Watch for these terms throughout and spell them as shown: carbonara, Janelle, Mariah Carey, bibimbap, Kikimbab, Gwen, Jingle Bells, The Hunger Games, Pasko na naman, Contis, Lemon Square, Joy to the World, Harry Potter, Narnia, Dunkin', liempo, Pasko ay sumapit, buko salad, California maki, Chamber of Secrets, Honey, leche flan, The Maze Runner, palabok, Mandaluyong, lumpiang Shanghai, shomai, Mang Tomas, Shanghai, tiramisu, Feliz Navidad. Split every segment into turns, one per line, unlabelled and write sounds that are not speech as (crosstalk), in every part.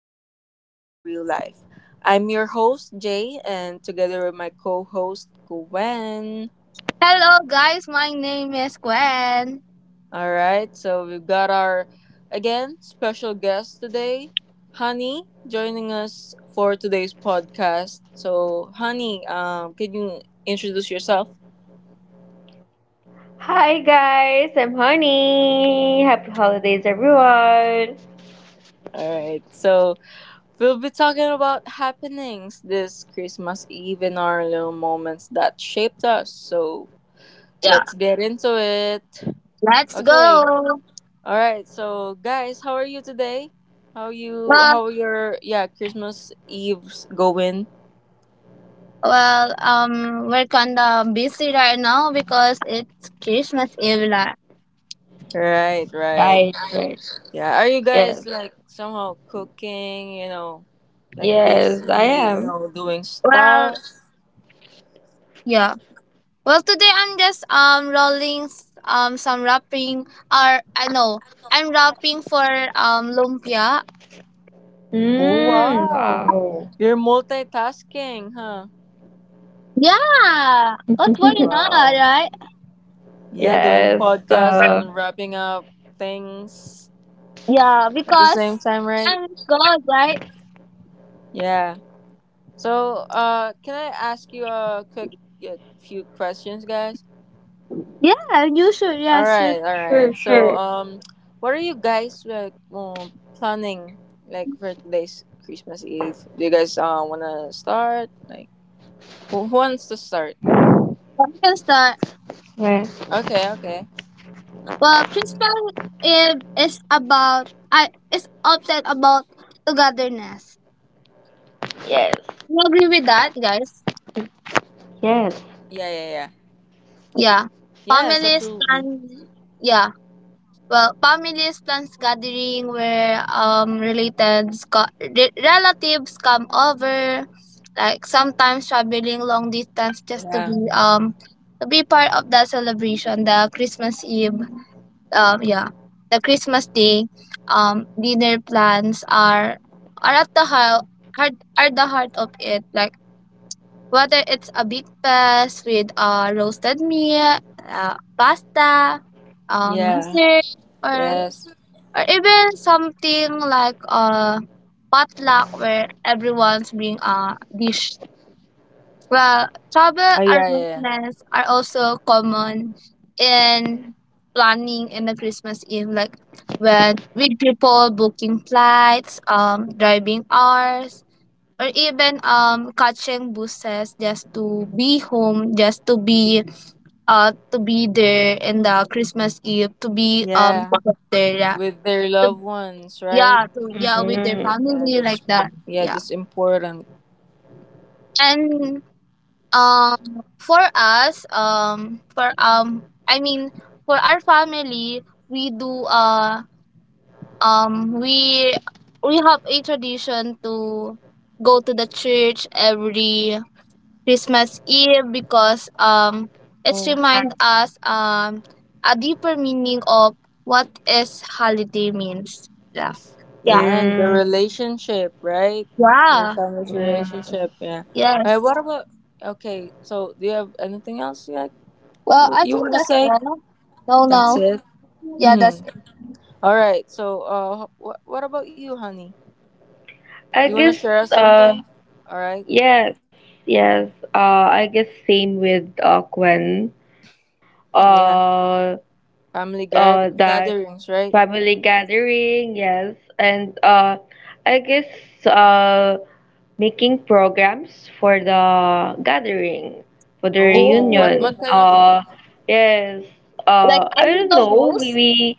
stories meet real life. I'm your host, Jay, and together with my co host, Gwen.
Hello, guys. My name is Gwen.
All right, so we've got our, again, special guest today, Honey, joining us for today's podcast. So, Honey, can you introduce yourself?
Hi guys, I'm Honey. Happy holidays, everyone.
All right, so we'll be talking about happenings this Christmas Eve and our little moments that shaped us. So,
Yeah.
let's get into it.
Let's
Okay.
go.
All right. So, guys, how are you today?
Well,
How your yeah Christmas Eve's going?
we're kinda busy right now because it's Christmas Eve. Lah.
Right. Right.
Right, right.
Yeah. Are you
Yes,
guys like somehow cooking? You know, like
yes, I
busy. You
am.
know, doing
Well,
stuff.
yeah. Today I'm just some wrapping or I know I'm wrapping for lumpia.
Oh
Mmm,
wow!
wow.
You're multitasking, huh?
Yeah, but why not,
(laughs)
Wow.
right?
Yeah, doing
Yes,
podcasts
uh,
and wrapping up things
Yeah,
at the
because
same time, right?
I'm God, right?
Yeah. So, can I ask you a few questions, guys?
Yeah, you should. Yeah,
All
sure.
right, all
sure,
right. So,
sure.
what are you guys like planning like for today's Christmas Eve? Do you guys wanna start? Like, who wants to start?
You can start.
Well,
Okay, okay.
Christmas Eve is about I is upset about togetherness.
yes,
You agree with that, guys?
yes.
Yeah, yeah, yeah. Yes,
Yeah.
absolutely.
Families plans yeah. Well, families plans gathering where relatives come over, like sometimes traveling long
Yeah,
distance just to be part of that celebration, the Christmas Eve. Yeah, the Christmas day dinner plans are at the heart are the heart of it, like whether it's a big fest with roasted meat, pasta,
yeah,
dessert,
yes.
or even something like potluck where everyone's bring a dish. Well,
Oh,
travel
yeah, yeah, yeah.
arrangements are also common in planning in the Christmas Eve, like when with people booking flights, driving hours, or even catching buses just to be home, just to be there in the Christmas Eve, to be
Yeah,
there, yeah,
with their
to,
loved ones, right?
with their
Mm,
Yeah,
family like
that's
that,
yeah,
yeah,
that's important.
and um for us for I mean for our family we do um we we have a tradition to go to the church every Christmas Eve because it's
Oh.
remind us a deeper meaning of what is holiday means, yeah, yeah,
Yeah, and the
mm,
relationship, right? Your
yeah,
family's
yes.
relationship, yeah. All right,
yes.
what about okay, so do you have anything else yet
Well, I
you
think
want to
that's
say?
all. No,
That's
no,
it.
yeah, that's
(clears throat) All right, so what about you, honey? Do you
I
want to
guess,
share us
uh,
something? All right.
yes, yes. I guess same with Gwen.
Yeah.
Uh,
Family gar
that
gatherings, right?
family gathering, yes. And I guess uh making programs for the gathering, for the
Oh,
reunion.
what
oh.
kind of
Yes.
Like I
I
yeah.
you
don't
the
know,
host?
maybe.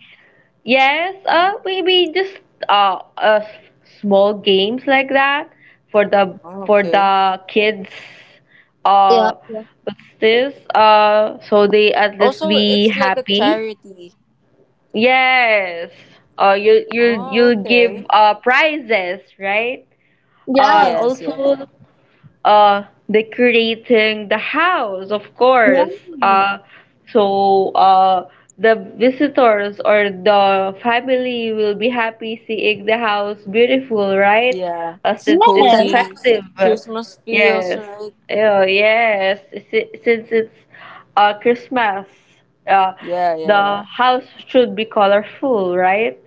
Yes,
yeah.
maybe just uh, uh s- small games like that, for the
Oh,
for
okay.
the kids.
Yeah.
uh
Yeah.
what's this? So they at least
Also,
be
it's like a
happy.
charity.
Yes. You you
Oh,
you
okay.
give prizes, right?
Yes.
Yes, yes.
Also uh decorating the house, of
Yeah.
course. uh so the visitors or the family will be happy seeing the house beautiful, right?
Yeah, it's
Since it's a
Yes.
cozy.
festive,
Christmas feels
yes.
right.
Oh yes, since it's Christmas, uh
Yeah, yeah,
the
yeah.
house should be colorful, right?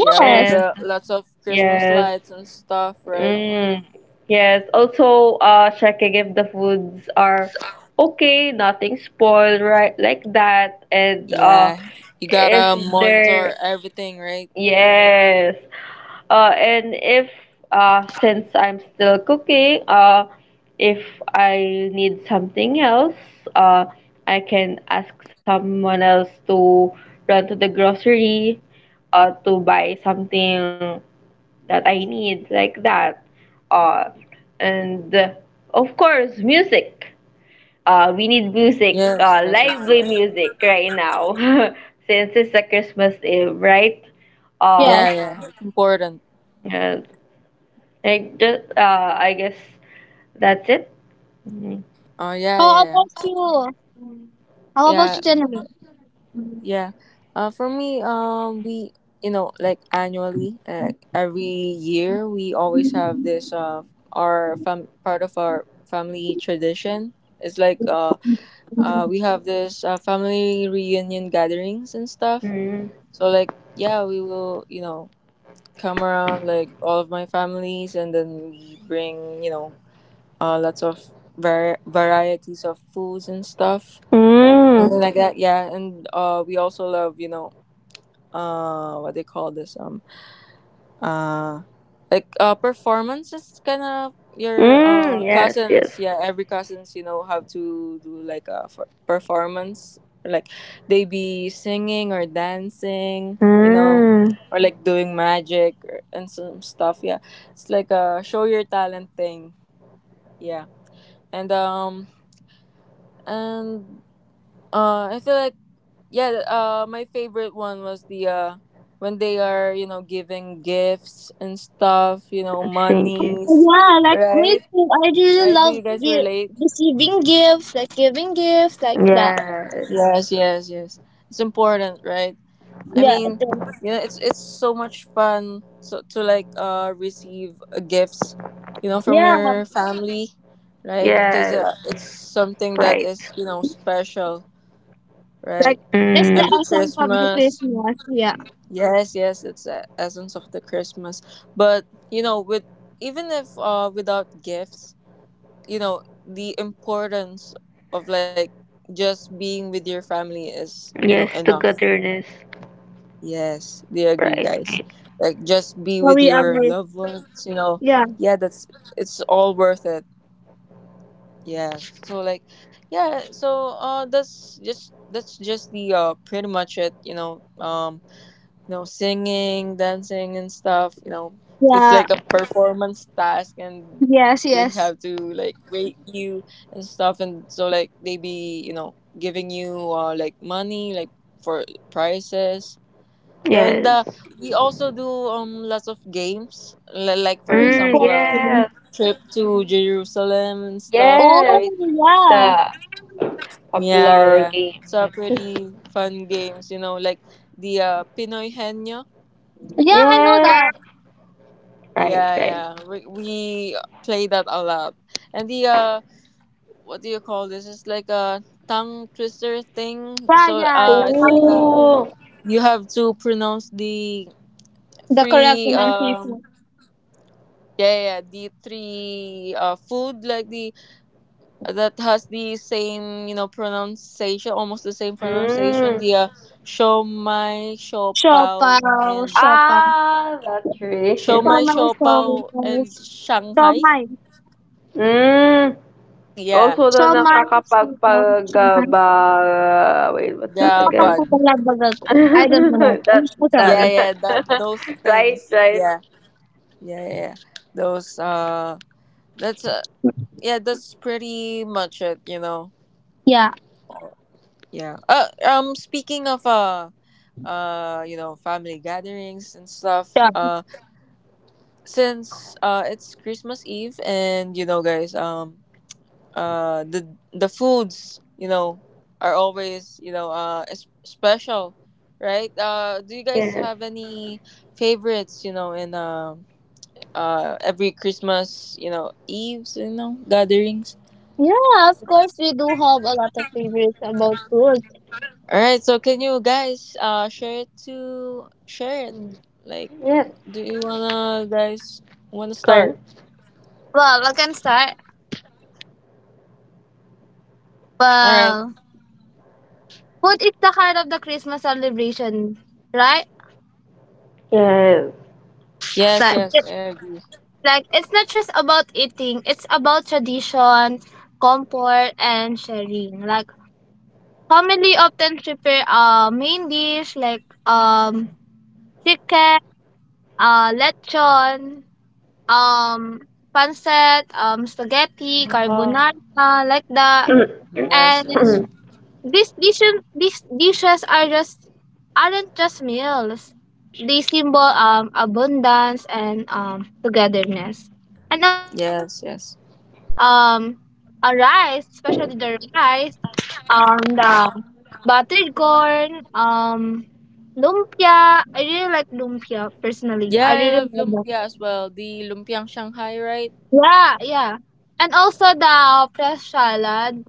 Yeah, with
And
lots of Christmas
yes.
lights and stuff, right?
Mm, yes. Also, checking if the foods are okay, nothing spoiled, right? Like that, and
Yeah, you
if
gotta monitor
they're
everything, right?
yes, and if since I'm still cooking, if I need something else, uh, I can ask someone else to run to the grocery, to buy something that I need, like that. Uh, and Of course music. We need music,
Yes, yes, of
lively
course.
music right now. (laughs) Since it's a Christmas Eve, right? uh,
Yeah,
Yes.
yeah, it's important.
yes. I just, I guess that's it. Mm.
Oh, yeah,
How
yeah,
about
yeah.
you? How about
Yeah,
you,
I
Jenna?
think, yeah. For me, we, you know, like annually, every year, we always have this, our part of our family tradition. It's like, we have this family reunion gatherings and stuff.
Mm.
So like, yeah, we will, you know, come around like all of my families, and then we bring, you know, lots of varieties of foods and stuff,
Mm.
something like that. Yeah, and we also love, you know, what they call this Uh, like performance is kind of your
Mm. Yes, yes.
cousins. Yeah, every cousins you know have to do like a performance. Like they be singing or dancing, you know,
Mm.
or like doing magic or, and some stuff. Yeah, it's like a show your talent thing. Yeah, and um and I feel like yeah my favorite one was the when they are you know giving gifts and stuff you know
Thank you.
monies
Yeah, like me
right
too. I really
right do
love
you guys relate
receiving gifts, like giving gifts, like that.
Yes.
yes yes yes it's important right I
Yeah, it
mean
is.
you know it's so much fun so to like receive gifts you know from
Yeah,
your family right because
Yes.
it's something that
Right.
is you know special right
like that's the
every
Mm.
essence of the
Christmas.
Christmas. Yeah.
Yes, yes, it's the essence of the Christmas. But you know, with even if without gifts, you know, the importance of like just being with your family is, you know,
Yes,
enough.
togetherness.
Yes, they agree
Right,
guys.
right.
Like just be
So
with
we
your
agree.
loved ones, you know.
Yeah,
Yeah, that's it's all worth it. Yeah. So like yeah, so that's just the pretty much it, you know. You know, singing, dancing, and stuff. You know, it's
yeah,
like a performance task, and they
yes,
have to
yes.
like rate you and stuff. And so, like, they be, you know, giving you like money, like for prizes. Yeah, and
Yes.
we also do lots of games, like for
Mm,
example, a
yes.
trip to Jerusalem and stuff,
Yes,
right?
Oh, yeah.
the
Yeah,
popular
yeah.
game.
So
(laughs)
pretty fun games, you know, like the Pinoy Henyo.
Yeah, I know
Yes,
that.
right,
Yeah,
right.
yeah. We play that a lot. And the what do you call this? It's like a tongue twister thing.
Yeah,
So
yeah, the
it's like
pronunciation.
Oh,
you have to pronounce the
The correct
three
pronunciation.
yeah, yeah, yeah, the three food like the that has the same, you know, pronunciation, almost the same pronunciation.
mm.
The shomai, shopao
Shopao,
and
shopao.
Ah, battery.
shomai,
Shomai, shomai.
shopao and Shanghai.
Shomai.
(laughs) mm.
Yeah,
Also,
Shomai,
the
shomai. Shomai.
nakakapagpagaba... Wait, what's that
the
Nakatagpo
again?
bug.
pala baga ko.
(laughs)
I don't know. That. I'm
That,
so sorry.
Yeah
that.
yeah that those
(laughs) right,
things
right.
yeah yeah yeah yeah. those that's yeah that's pretty much it you know
Yeah.
oh, yeah speaking of you know family gatherings and stuff
Yeah.
since it's Christmas Eve and you know guys the foods you know are always you know special right do you guys
Yes.
have any favorites you know in every Christmas, you know, eves, you know, gatherings.
Yeah, of course we do have a lot of favorites about food.
All right, so can you guys share it to share it?
Mm.
Like,
Yes,
do you wanna guys wanna
Gwen.
start?
Well, I can start.
All right.
Well, food is the heart of the Christmas celebration, right?
Yes.
Yes,
Like.
yes, I
(laughs)
agree.
Like it's not just about eating, it's about tradition, comfort and sharing. Like family often prepare a main dish like chicken, lechon, um pancit, spaghetti,
Ah.
carbonara, like that.
Yes, yes,
And
(clears throat)
these dishes are just aren't just meals. They symbol abundance and togetherness. And also for the
yes,
side
yes.
dish, um a rice, especially the rice, the buttered corn, lumpia. I really like lumpia personally.
Yeah,
I
I
really
love
love that.
lumpia as well. The lumpiang Shanghai, right?
Yeah, yeah. And also the fresh salad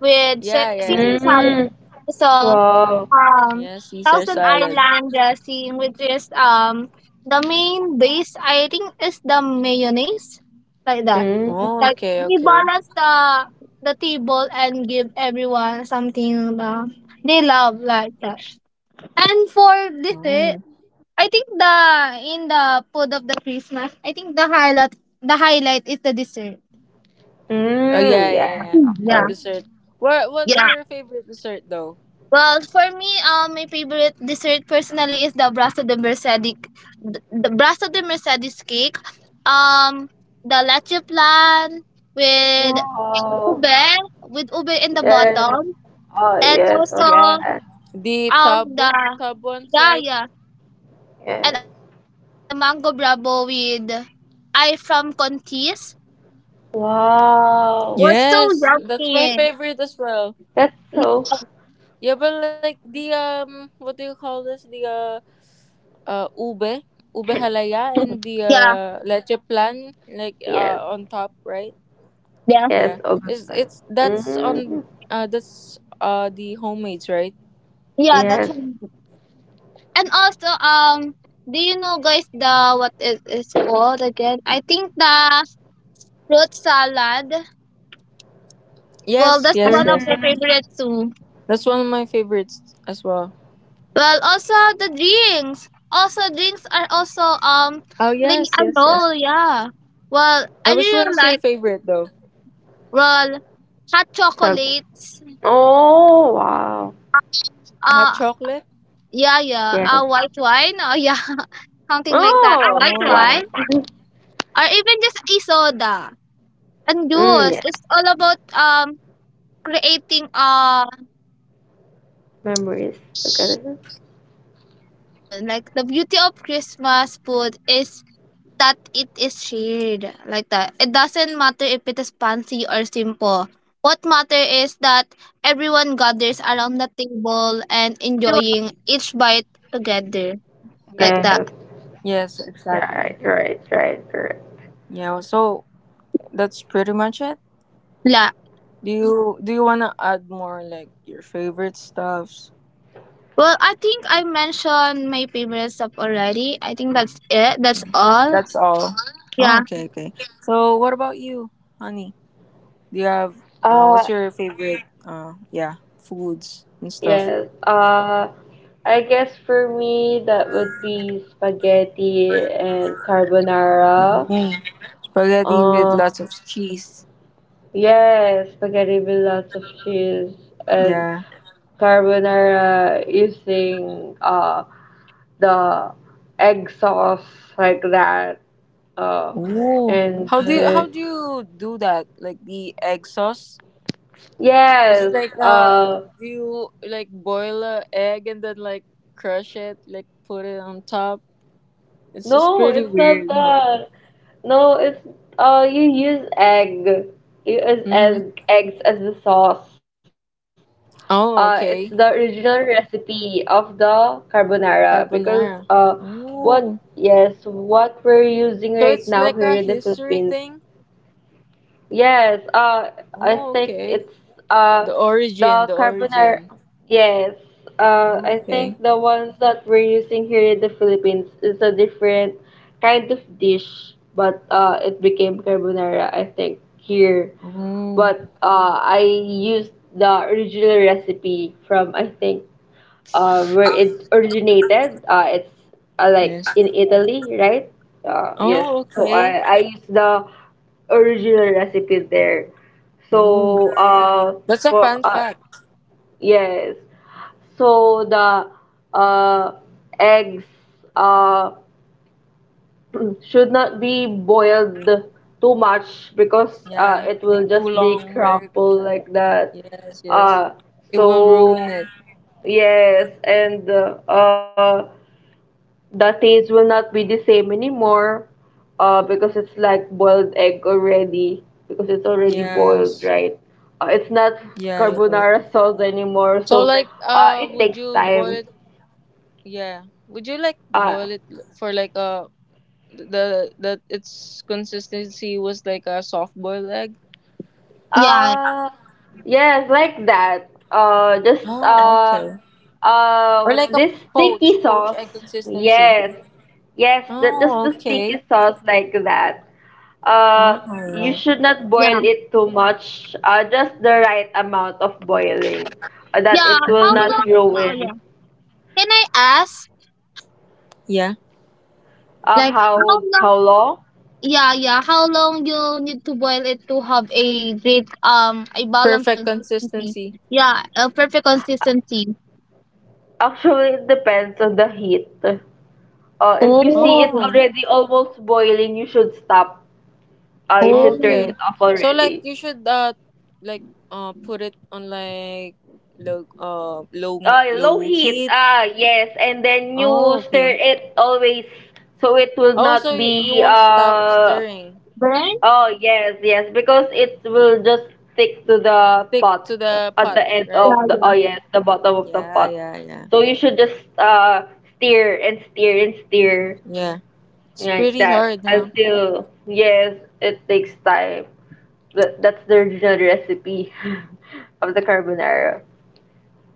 with
Yeah, yeah.
seasoned salad.
mm.
So
Wow.
um
Yeah, Caesar
Thousand
salad.
Island dressing, which is the main base I think is the mayonnaise. Like that.
Mm,
Oh,
Like
okay,
we
okay.
balance the table and give everyone something they love like that. And for
Oh,
dessert, I think the in the food of the Christmas, I think the highlight is the dessert.
oh yeah,
mm, yes,
yeah, yeah.
of
The
Yeah.
course.
dessert. What What's
Yeah.
your favorite dessert though?
Well, for me, my favorite dessert personally is the Brasa de Mercedes, the Brasa de Mercedes cake. Um, the leche plan with
Wow.
ube, with ube in the
Yes.
bottom,
Oh,
and
yes,
also
of
Yeah.
that.
The
um
tub
the
tub ones, right?
yeah yeah,
Yes.
the mango bravo with I from Contis
Wow.
was so
Yes, that's my
yummy.
favorite as well.
That's so.
Yeah, but like the what do you call this? The uh ube, ube halaya, and
(coughs)
the
(clears throat)
Yeah,
leche plan, like
Yes.
on top, right?
yeah,
Yes,
Yeah,
Obafan.
it's that's on
Mm,
that's the homemades, right?
yeah. That's.
yes.
And also, do you know, guys, the what it is called again? I think the fruit salad. Well, that's
Yes,
one
yes,
of
yes.
my
Mm,
favorites too.
That's one of my favorites as well.
Well, also the drinks. Also, drinks are also
Oh yes,
playing a
yes, yes.
role. Yeah. Well,
Now,
I
which one
really
is your
like
favorite though?
well hot
Sagu.
chocolates.
Oh, wow.
Hot
Uh,
chocolate.
yeah, yeah.
Yes.
A white wine. Oh, yeah, (laughs) something like that. A white
Oh, why?
wine,
Oh.
(laughs)
or even just a soda and
Mm,
juice.
yes.
It's all about creating a
Memories together.
no a festive mood. Like the beauty of Christmas food is that it is shared like that. It doesn't matter if it is fancy or simple. What matter is that everyone gathers around the table and enjoying each bite together like that.
Yes.
Yes, exactly.
Right, right, right, correct.
Yeah. So that's pretty much it.
Yeah.
Do you wanna add more like your favorite stuffs?
Well, I think I mentioned my favorite stuff already. I think that's it. That's all.
That's all.
Yeah.
Oh, okay, okay. So what about you, honey? Do you have what's
Uh,
your favorite yeah, foods and stuff?
yes. I guess for me that would be spaghetti and carbonara.
Oh, spaghetti with lots of
Um,
cheese.
yes, spaghetti with lots of cheese and
Yeah.
carbonara using the egg sauce, like that. Uh,
Oh,
and
how do you, how do you do that? Like the egg sauce? Is it
yes,
like
uh,
do you like boil a egg and then like crush it, like put it on top? It's just
no,
pretty
it's not
weird, huh?
that. No, it's, you use egg. You use
Mm-hmm.
eggs as the sauce. It's the
Oh,
original
okay.
recipe of the carbonara, because
Carbonara.
what yes,
Oh,
what we're using right now
so
here in
it's
the
like a
Philippines.
history thing.
Yes, I think
Oh,
it's
okay.
uh
The
the
origin, the
carbonara.
origin.
Yes, I
Oh,
think
okay.
the ones that we're using here in the Philippines is a different kind of dish, but it became carbonara, I think, here.
Oh,
But I used the original recipe from, I think, where it originated. It's like
yes.
in Italy, right? Yes.
Oh,
So I
okay.
I used the original recipes there.
Oh,
So
that's a
for
fun fact.
yes. So the uh eggs uh (clears throat) should not be boiled too much, because
Yeah,
it
it's
will
too
just be
long, right?
crumpled like that.
Yes, yes.
Uh
It will ruin
so
it.
yes, and uh the taste will not be the same anymore, because it's like boiled egg already, because it's already boiled,
Yes.
right? It's not
Yeah, yeah.
carbonara sauce anymore,
So
so
like,
it
would
takes
you boil
time.
it? Yeah. Would you like
uh,
boil it for like the its consistency was like a soft boiled egg.
Yeah.
uh yes, like that, just
Oh, okay. Or
what's
like a
this,
poach,
sticky
poach egg
sauce,
consistency.
yes. Yes, the, just
Oh,
the sticky
okay.
sauce like that.
All
Uh, you
right.
should not
Yeah.
boil it too much. Just the right amount of boiling, that
Yeah.
it will
How
not
long? Oh
ruin.
yeah. Can I ask?
Yeah.
Like how long,
How long?
yeah, yeah, how long you need to boil it to have a great a balanced
Perfect
consistency.
consistency.
Yeah, a perfect consistency.
Actually, it depends on the heat. If you see it's
Oh,
Oh,
already almost boiling, you should stop. You should turn
oh.
okay.
it off
So like
already.
you should like put it on like low uh low low
Low heat.
heat.
Ah, yes, and then
Oh,
you stir
okay.
it always, so it will
Oh,
not
so you
be
won't stop stirring.
Then
oh, yes, yes, because it will just stick to the
Stick
pot
to the
at
pot,
the end
yeah,
right?
of the,
yeah.
oh yes, the bottom of the
Yeah,
pot.
yeah, yeah.
So you should just steer and steer and steer
Yeah. It's
like
pretty
that
hard, huh?
until, yes, it takes time. That's the original recipe (laughs) of the carbonara.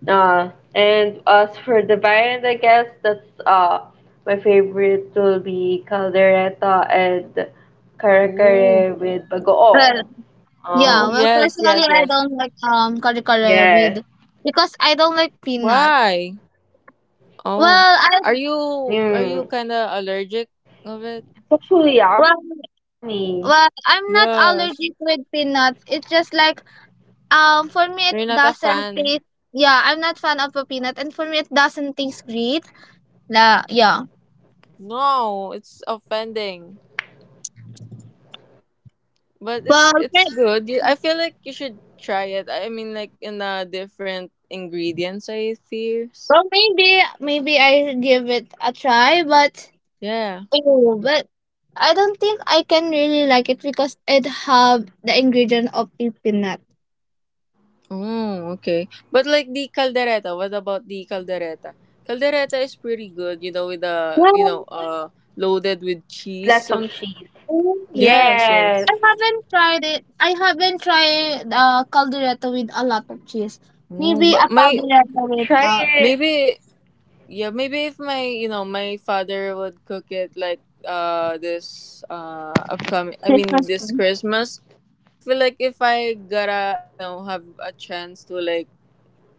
And as for the variant, I guess that's my favorite will be caldereta and kare
Ooh.
kare with
Well,
bagoong.
yeah,
Oh
Oh,
well
yes,
personally
yes,
I
yes.
don't like kare kare with
yes.
because I don't like peanut.
Why? Oh.
Well, I
Are you
Mm.
kinda allergic of it?
Especially
well,
yummy.
well, I'm not
Yes.
allergic with peanuts. It's just like for me it
You're not a
doesn't
fan.
taste yeah, I'm not fan of a peanut and for me it doesn't taste great. Nah, yeah.
No, it's offending. But it's
Well,
it's
okay.
good. I feel like you should try it. I mean, like in a different ingredients, I fears.
Well, maybe I give it a try, but
Yeah.
ew, but I don't think I can really like it because it have the ingredient of a peanut.
Oh, okay. But like the caldereta, what about the caldereta? Caldereta is pretty good, with the
Well,
loaded with cheese.
Lots of
On
cheese.
ew.
yes, yes.
Yes.
I haven't tried it. I haven't tried caldereta with a lot of cheese.
Oh,
Maybe a
but my
caldereta with
Try it.
maybe, yeah, maybe if my you know my father would cook it like this upcoming, I mean
Christmas
this
cream.
Christmas, I feel like if I gotta, you know, have a chance to like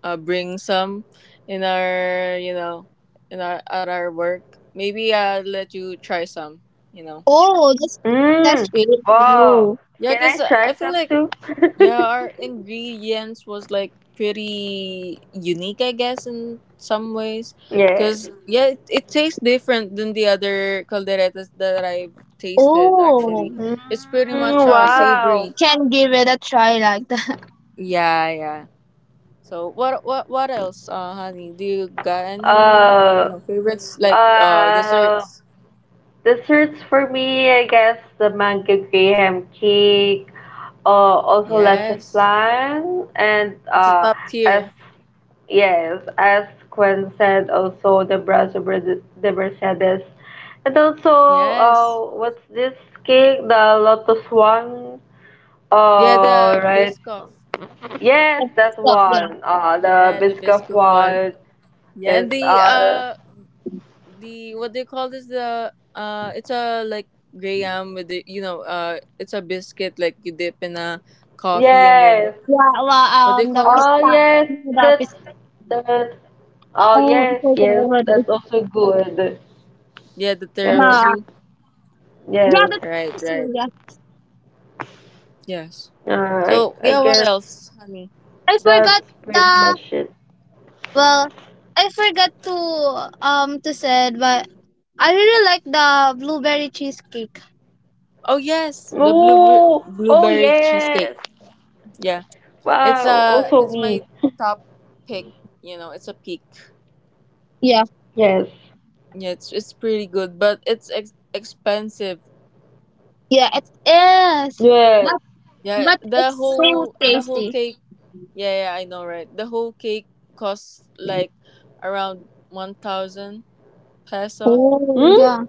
bring some in our, at our work, maybe I'll let you try some you know
Oh,
Hmm.
that's really
Wow.
cool.
Can
yeah,
I
because
try
I
some
feel
too?
like,
(laughs)
yeah, our ingredients was like pretty unique, I guess, in some ways,
Yes.
because yeah, it tastes different than the other calderetas that I've tasted actually.
Oh,
It's pretty
Mm,
much
wow.
savory,
can give it a try like that.
yeah, yeah. So what else, honey? Do you got any,
Uh,
favorites like
uh,
desserts?
desserts for me, I guess the mango graham cake, also let's,
Yes,
and
it's a top
as
tier.
yes, as Gwen said, also the the Mercedes, and also
Yes,
what's this cake, the Lotus one,
yeah, the
right?
biscoff.
Yes,
(laughs)
that
Stop, yeah.
one, the
Yeah, the
biscuit
biscoff one.
one
Yeah,
is
and the uh the what they call this, the it's a like graham with the it's a biscuit, like you dip in a coffee, and then
yes.
Yeah, well,
what they
um, the
call that?
Oh
pista,
yes, that's
the pista.
that. Oh
Oh, I
yes,
forgot
yes, that's
already.
also good.
Yeah, the
Yes,
The
tiramisu.
yeah,
yes.
the
Right, right.
pizzeria.
Yes.
Uh, I
So
I
yeah, what
guess
else, honey?
I forgot
that's pretty
the
much it.
well, I forgot to said, but I really like the blueberry cheesecake.
Oh yes, the
Oh,
blue
oh
blueberry
yes.
cheesecake. Yeah,
Wow.
it's
Also
uh it's
me.
my
(laughs)
top pick. You know, it's a peak.
Yeah,
Yes.
Yeah, it's pretty good, but it's expensive.
yeah, it is.
Yes.
But
Yeah,
but
the
it's so
whole the whole
tasty.
cake. Yeah, yeah, I know, right? The whole cake costs like around 1,000 peso.
Oh
Hmm?
yeah,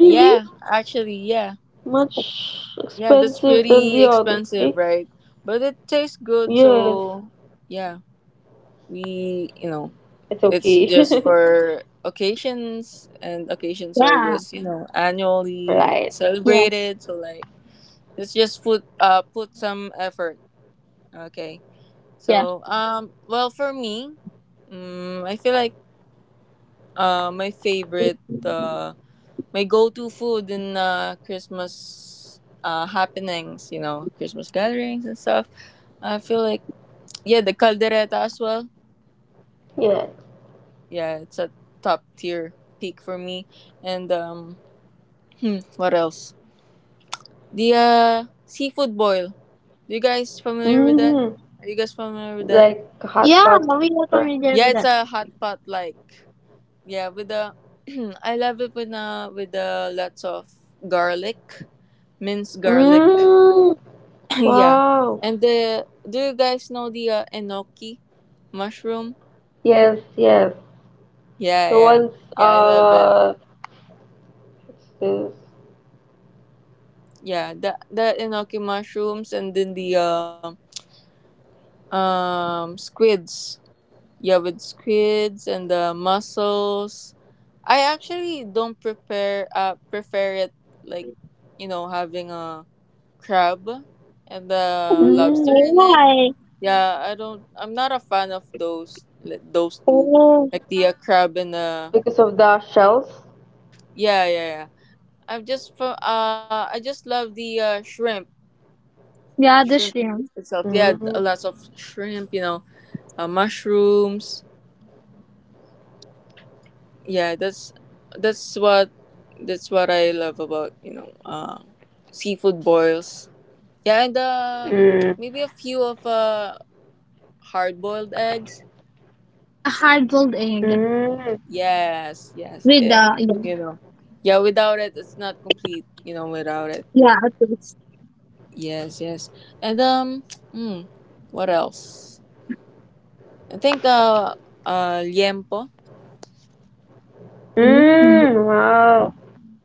Yeah, actually, yeah,
Much
yeah, that's
expensive than
pretty
the other
expensive,
cakes?
right? But it tastes good,
Yes.
so yeah, we.
It's
It's
okay.
just
(laughs)
for occasions, and occasions are
yeah,
just, annually
Right.
yes,
celebrated. So like, let's just put some effort. Okay.
yeah,
So well for me, I feel like my favorite
yeah.
uh my go to food in Christmas happenings, Christmas gatherings and stuff. I feel like, yeah, the caldereta as well.
Yeah.
Yeah, it's a top tier peak for me, and what else? The seafood boil. Do you guys familiar with that?
Mm.
Are you guys familiar with that?
Like
We
hot
are
pot, right?
familiar
Yeah,
with
it's
that.
a hot pot like, yeah, with the (clears throat) I love it with lots of garlic, minced garlic.
Mm.
(clears throat) yeah.
Wow.
And the do you guys know the enoki mushroom?
Yes, yes.
Yeah,
The
yeah.
ones,
Yeah, I love it.
uh what's this?
Yeah, the enoki mushrooms, and then the squids. Yeah, with squids and the mussels. I actually don't prepare prefer it like, having a crab and the
Mm.
lobster in it.
Why?
Yeah, I don't. I'm not a fan of those those two,
Oh
like the crab and the
Because of the shells?
yeah, yeah, yeah. I just love the shrimp
yeah, the
shrimp
shrimp.
itself.
Mm,
Yeah, a lots of shrimp. Mushrooms, yeah, that's what that's what I love about, seafood boils, yeah, and
mm,
maybe a few of hard-boiled eggs,
Yeah, the hard boiled egg
mm,
yes, yes,
with the yeah,
you know, yeah, without it, it's not complete, without it,
yeah, I think it's-
yes, yes. And (tsk) mm, what else? I think liempo,
mm,
Mhm.
wow.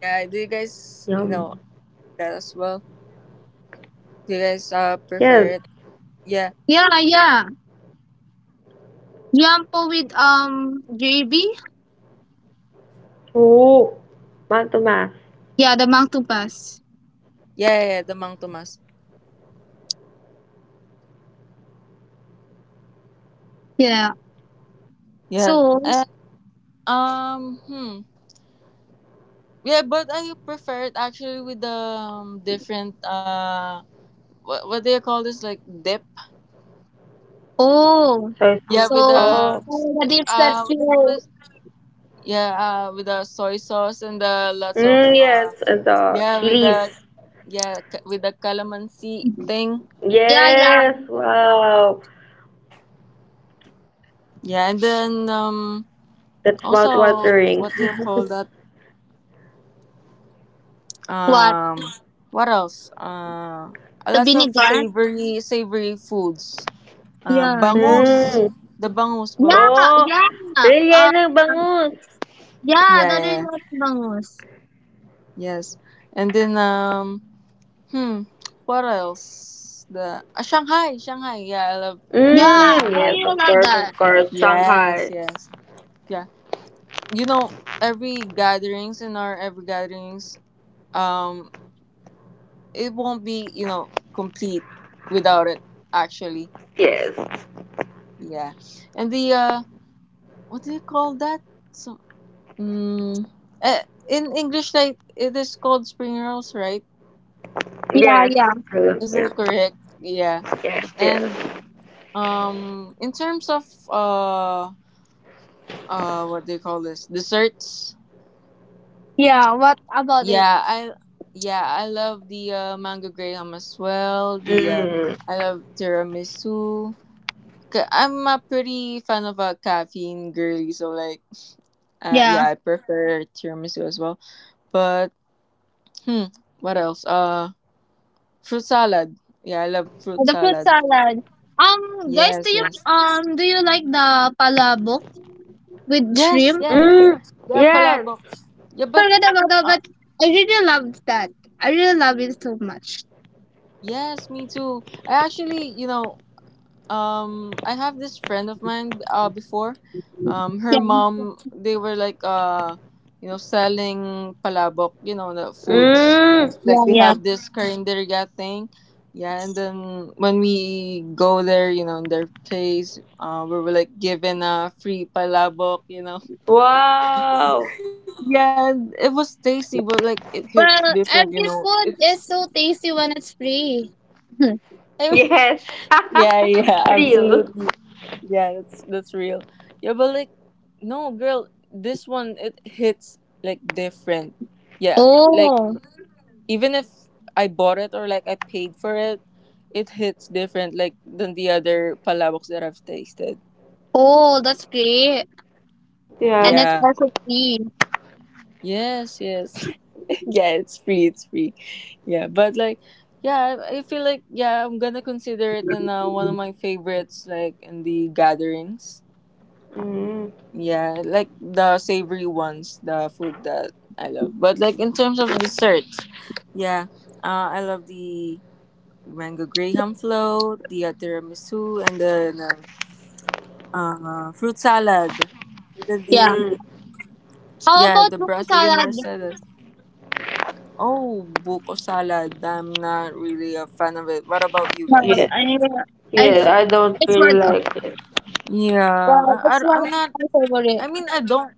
yeah. Do you guys,
Yum.
that as well, do you guys
Yes.
prefer it, yeah,
Yeah, yeah. Yampo with gravy.
Oh, manto mas.
Yeah, the mangtupas.
yeah, yeah, yeah, the mang Tomas.
Yeah.
Yeah.
So
And um hmm. Yeah, but I prefer it actually with the different what do you call this, like dip?
So
oh,
it's,
Yeah,
so
with the
oh,
all the dips that
what do you call
you
this? Yeah, with the soy sauce and the lots of
mm, yes, and the
yeah, with the,
chilies.
yeah, with the calamansi thing.
yeah yeah
Yes, wow.
Yeah, and then
That's
also,
mouth-watering.
what do you call
(laughs)
that?
what
Um what else? Uh
the
lots of
vinegar.
savory, savory foods.
Yeah,
Bangus.
Mm.
The bangus,
yeah,
bangus.
Oh,
yeah, yeah.
rellenong bangus.
Yeah,
Yeah, that
yeah, yeah.
is what bangus.
Yes. And then, hmm, what else? The Shanghai, Shanghai. Yeah, I love
Yeah,
lumpiang
I
Mm,
Shanghai.
yes,
really
of
like
course, of
that.
course.
Yes,
Shanghai.
yes, yeah. You know, every gatherings in our every gatherings, um, it won't be, complete without it. Actually,
Yes,
yeah. And the what do you call that? So, mm, eh, in English, like it is called spring rolls, right?
Yeah,
yes.
yeah,
I love-
Is
Yeah,
that correct? Yeah.
yes, yes.
And in terms of what do you call this? Desserts.
yeah. What about it?
Yeah, I yeah, I love the mango graham as well. The
Mm.
I love tiramisu. I'm a pretty fan of a caffeine girly, so like
Yeah.
yeah, I prefer tiramisu as well. But hmm, what else? Fruit salad. Yeah, I love fruit
The fruit
salad.
salad. Guys,
Yes, yes.
do you like the palabok with
Yes,
shrimp?
yes.
Mm.
Yeah,
Yes.
palabok. Yeah, but
Forget about that,
Uh,
but I really loved that. I really love it so much.
yes, me too. I actually, I have this friend of mine. Before, her
Yeah,
mom, they were like, selling palabok. The foods.
Mm.
Like
yeah,
they
yeah.
have this karinderya thing. Yeah, and then when we go there, in their place, we were like given a free palabok. (laughs)
Wow.
Yeah, and it was tasty, but like it hits
Well,
different.
every food
It's.
is so tasty when it's free. (laughs)
I
Yes.
Yeah, yeah,
(laughs) Real.
absolutely. Yeah, that's real. Yeah, but like, no, girl, this one it hits like different. Yeah, like
oh,
even if I bought it or like I paid for it, it hits different like than the other palawoks that I've tasted.
oh, that's great,
Yeah.
and it's
Yeah.
also free.
Yes, yes. (laughs) yeah, it's free, it's free. Yeah, but like, yeah, I feel like, yeah, I'm gonna consider it in one of my favorites like in the gatherings.
Mm.
Yeah, like the savory ones, the food that I love. But like in terms of desserts, yeah, I love the mango graham float, the tiramisu, and then fruit salad. And then
Yeah.
the
Mm.
How
yeah,
about
the
buko
brasserie
salad?
mercedes. Oh, buko salad. I'm not really a fan of it. What about you
Well,
Yeah.
guys?
I, I,
Yeah. I don't
it's
really
worth it.
like it.
Yeah,
Well, it's
I, I,
one of
I'm not,
my
I
favorite.
mean, I don't.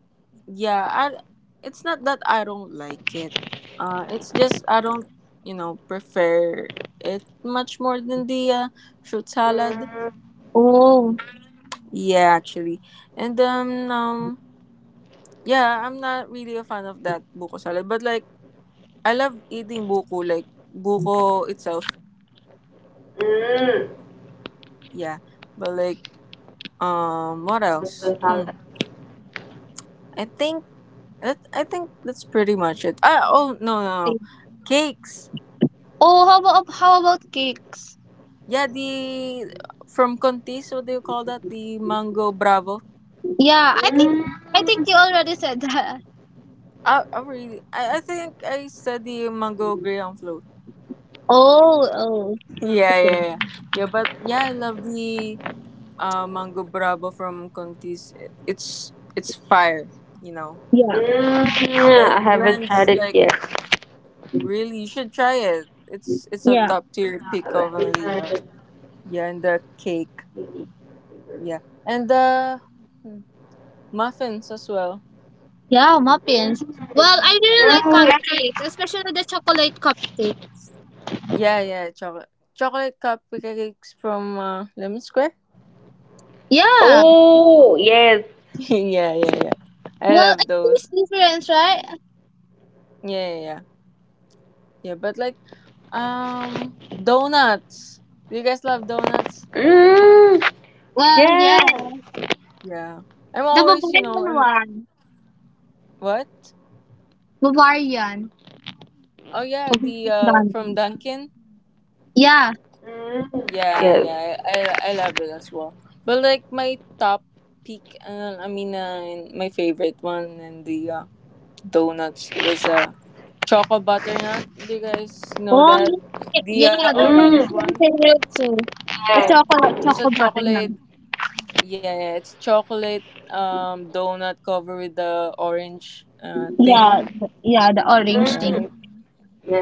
Yeah, I. It's not that I don't like it. It's just I don't, prefer it much more than the fruit salad.
Mm.
Oh.
Yeah, actually, and then yeah, I'm not really a fan of that buko salad. But like, I love eating buko, like buko itself.
Mm.
Yeah, but like, what
That's the
else?
salad.
Hmm. I think I think that's pretty much it. Ah, oh, no, no, no, cakes.
Oh, how about cakes?
Yeah, the from Contis, what do you call that? The mango bravo.
Yeah, I
Mm.
think you already said that. (laughs)
I really, I think I said the mango grey on float.
Oh, oh,
Yeah,
okay.
yeah, yeah, yeah. But yeah, I love the mango bravo from Contis. It's fire, you know.
Yeah,
Mm.
Like
I haven't tried
blends,
it
like
yet.
really, you should try it. It's a
yeah,
top tier
Yeah,
pick of
let me
only.
try it.
Yeah, and the cake. Yeah, and the hmm, muffins as well.
yeah, muffins.
Mm.
Well, I
Yeah.
really
Yes.
like cupcake, especially the chocolate cupcake.
Yeah, yeah, chocolate cupcakes from Lemon Square.
Yeah.
Oh, yes.
(laughs) yeah, yeah, yeah. I
Well,
love
it
those.
tastes different, right?
Yeah, yeah, yeah. Yeah, but like um donuts. Do you guys love donuts?
Mm.
Well, yeah.
Yes.
Yeah. I'm
The
always,
Bavarian
and
one.
what?
Bavarian.
Oh yeah, the
Bavarian
from
one.
Dunkin'.
Yeah.
Mm,
Yeah,
yes.
yeah. I love it as well. But like my top pick, I mean, and my favorite one and the donuts. It was a choco butternut. Do you guys know
Oh,
that? The
yeah.
uh,
That's my
orange
Mm,
one.
favorite too. The
yes.
Yeah,
chocolate
it's
chocolate
a
butter na.
chocolate. Yeah, yeah, it's a chocolate donut covered with the orange thing.
Yeah, the orange thing.
Right.
Mm,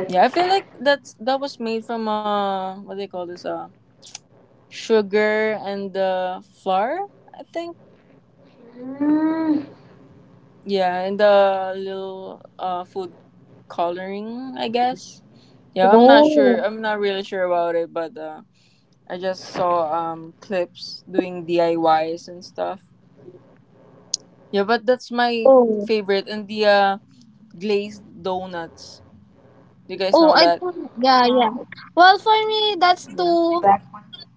yes.
Yeah, I feel like that was made from what do they call this? Sugar and flour, I think.
Mm,
Yeah, and the little food coloring, I guess. Yeah, I'm not sure.
Oh,
I'm not really sure about it, but I just saw clips doing DIYs and stuff. Yeah, but that's my
oh,
favorite and the glazed donuts. You guys
oh!
know
I
that?
thought,
wow.
yeah, yeah. Well, for me,
Yeah.
too,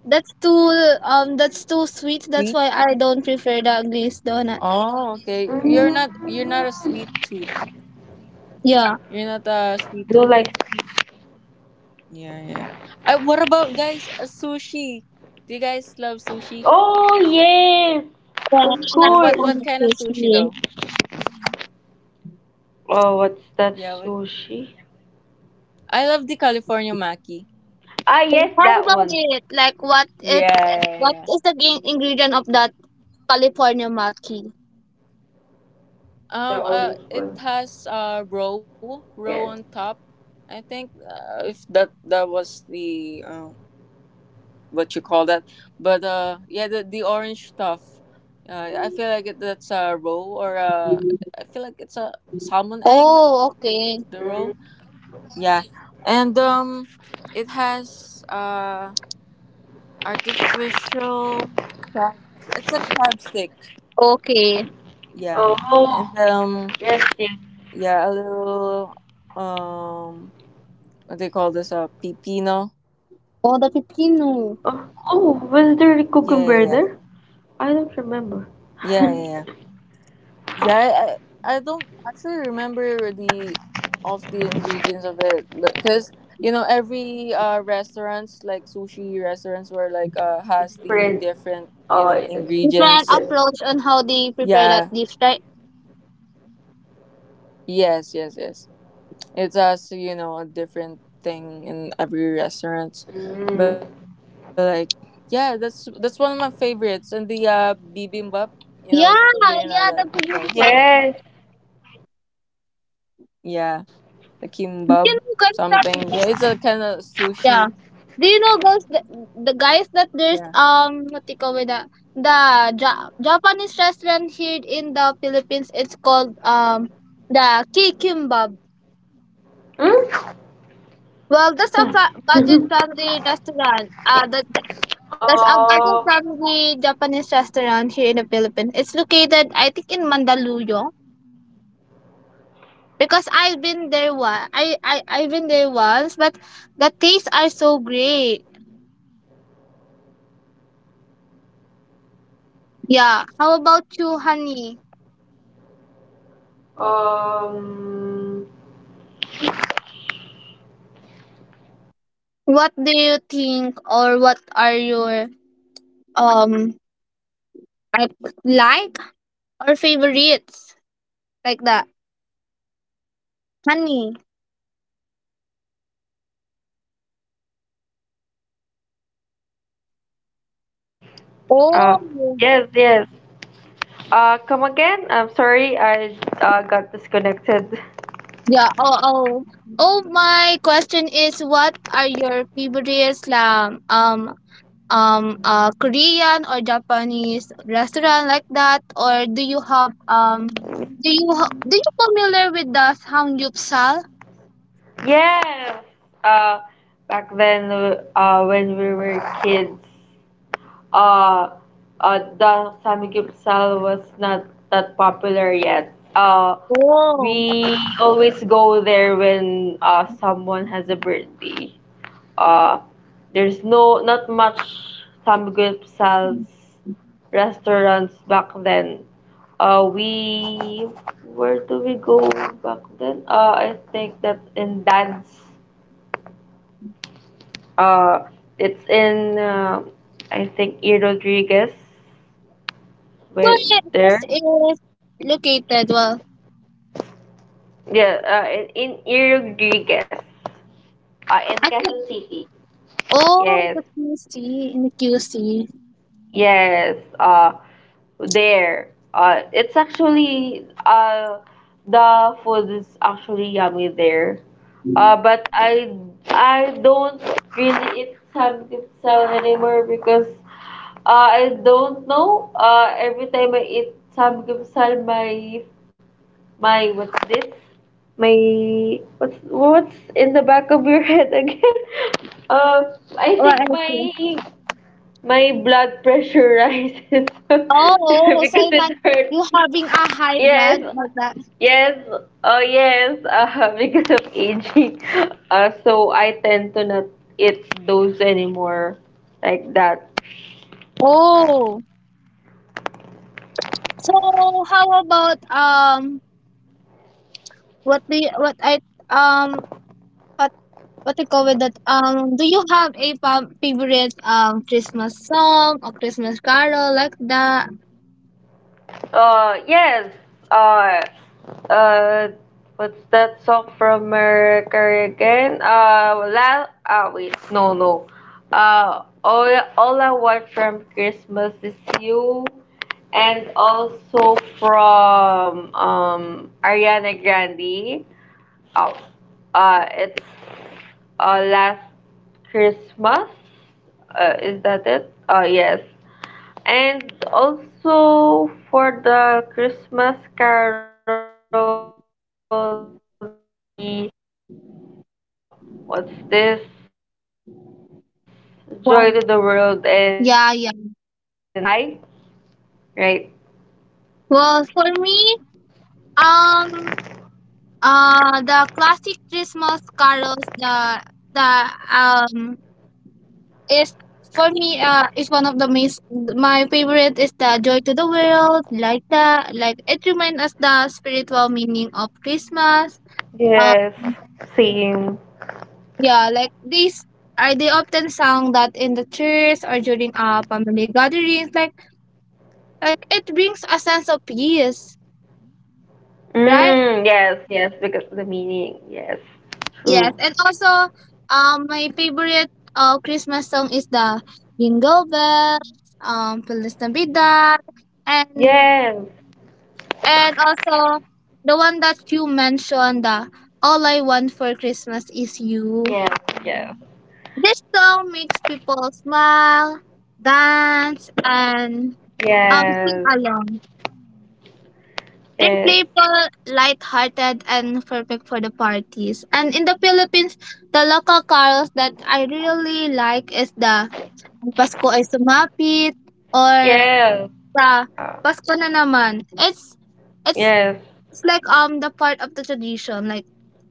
that's too, um, that's too sweet. That's
Sweet.
why I don't prefer the glazed donut.
Oh, okay.
Mm.
You're not a
You
sweet tooth.
Yeah.
You're not a
know,
sweet
like,
tooth. Yeah, yeah. I what about guys a sushi? Do you guys love sushi?
oh, yes,
Yeah,
of
and
Well,
I'm
what
course.
what
so
kind of sushi
tasty.
though?
Oh, what's
Yeah,
that
what,
sushi?
I love the California maki.
Ah, yes,
How
that
about
one.
it? Like,
Yeah, yeah, yeah.
what is the ingredient of that California maki?
The
Oh,
orange one.
it has row
Yes.
row on top. I think uh, if that was the what you call that, but yeah, the orange stuff. I feel like it, that's a row or a. I feel like it's a salmon egg.
Oh,
Mm.
okay,
The row. Yeah, and it has artificial crab. It's a crab stick.
okay.
Oh,
Yeah,
yes,
and
yes.
yeah, a little um what they call this? Pepino.
Oh, the pepino.
Oh, oh, was there a
Yeah, yeah,
cucumber
yeah.
there? I don't remember.
Yeah, yeah, yeah. Yeah, I don't actually remember the of the ingredients of it because you know every restaurants like sushi restaurants were like
(laughs)
has the
Different.
different you
Oh,
know
yes.
Different
ingredients.
Different.
approach on how they
Yeah.
prepare that dish, right?
Yes, yes, yes. It's as you know a different thing in every restaurant,
Mm.
but like yeah, that's one of my favorites. And the bibimbap, you know, do you know
Yeah,
that guys?
yeah, the
Yes.
producer.
Yeah, the kimbab
Do you know
something. Yeah,
guys
it's
that
a kind
there's,
of sushi.
yeah. Do you know guys the guys
Yeah.
that there's what do you call it, the the Japanese restaurant here in the Philippines, it's called the Kikimbab.
Mm?
Well,
What's
that's a budget
that? (laughs)
friendly restaurant. That's a budget
Uh,
friendly Japanese restaurant here in the Philippines. It's located I think in Mandaluyong, because I've been there one. I've been there once, but the tastes are so great. Yeah. How about you, honey?
um,
What do you think, or what are your um I like or favorites like that, honey?
Uh,
Oh.
yes, yes. Come again? I'm sorry, I got disconnected. (laughs)
Yeah. Oh oh. Oh, my question is, what are your favorites, a Korean or Japanese restaurant like that, or do you have do you familiar with the samgyeopsal?
Yes. Uh, back then, when we were kids, uh, the samgyeopsal was not that popular yet.
Oh.
We always go there when someone has a birthday. uh, there's no not much some good sales restaurants back then. We, where do we go back then? I think that in Dan's. Uh, it's in I think E Rodriguez.
Where
Where
this
there?
is located? Well,
Yeah, in E Rodriguez. In
I
Quezon
think
City.
oh
Yes,
the QC in the QC.
yes. There. It's actually the food is actually yummy there. But I don't really eat some samgyeopsal anymore, because I don't know. Every time I eat samgyeopsal, my what's this? My what's in the back of your head again? (laughs) I
Or
think
else
my my blood pressure rises (laughs)
Oh, oh, so
because
like
it hurts.
you having a high blood
Yes,
like that.
yes, yes, (laughs) because of aging. So I tend to not eat those anymore, like that.
Oh, so how about what the what I um what what to call with that? Do you have a favorite Christmas song or Christmas carol like that?
Uh, yes, uh, uh, what's that song from Mariah Carey again? La wait, no, no. Uh, all, all I want from Christmas is you, and also from Ariana Grande. Oh, it's last Christmas. Is that it? Yes. And also for the Christmas Carol, that would be uh, what's this? Joy to the World, and
Well,
sa, sa
Yeah, yeah.
aming bahay, right?
Well, for me, um, the classic Christmas carols, the is for me is one of the my favorite is the joy to the world like that, like it reminds us the spiritual meaning of Christmas. Um,
Yes, same.
Yeah, like these are they often sung that in the church or during family gatherings. Like it brings a sense of peace, right?
Mm, yes, yes, because the meaning, yes,
Yes,
true.
and also my favorite Christmas song is the Jingle Bells, Feliz Navidad, and
Yes.
also the one that you mentioned, the All I Want for Christmas is
Yes,
You.
yes,
This song makes people smile, dance, and sing
yes,
along. They're
yes,
playful, lighthearted, and perfect for the parties. And in the Philippines, the local carols that I really like is the Pasko ay sumapit or
yes,
the
uh,
Pasko na naman. It's
yes.
it's like the part of the tradition. Like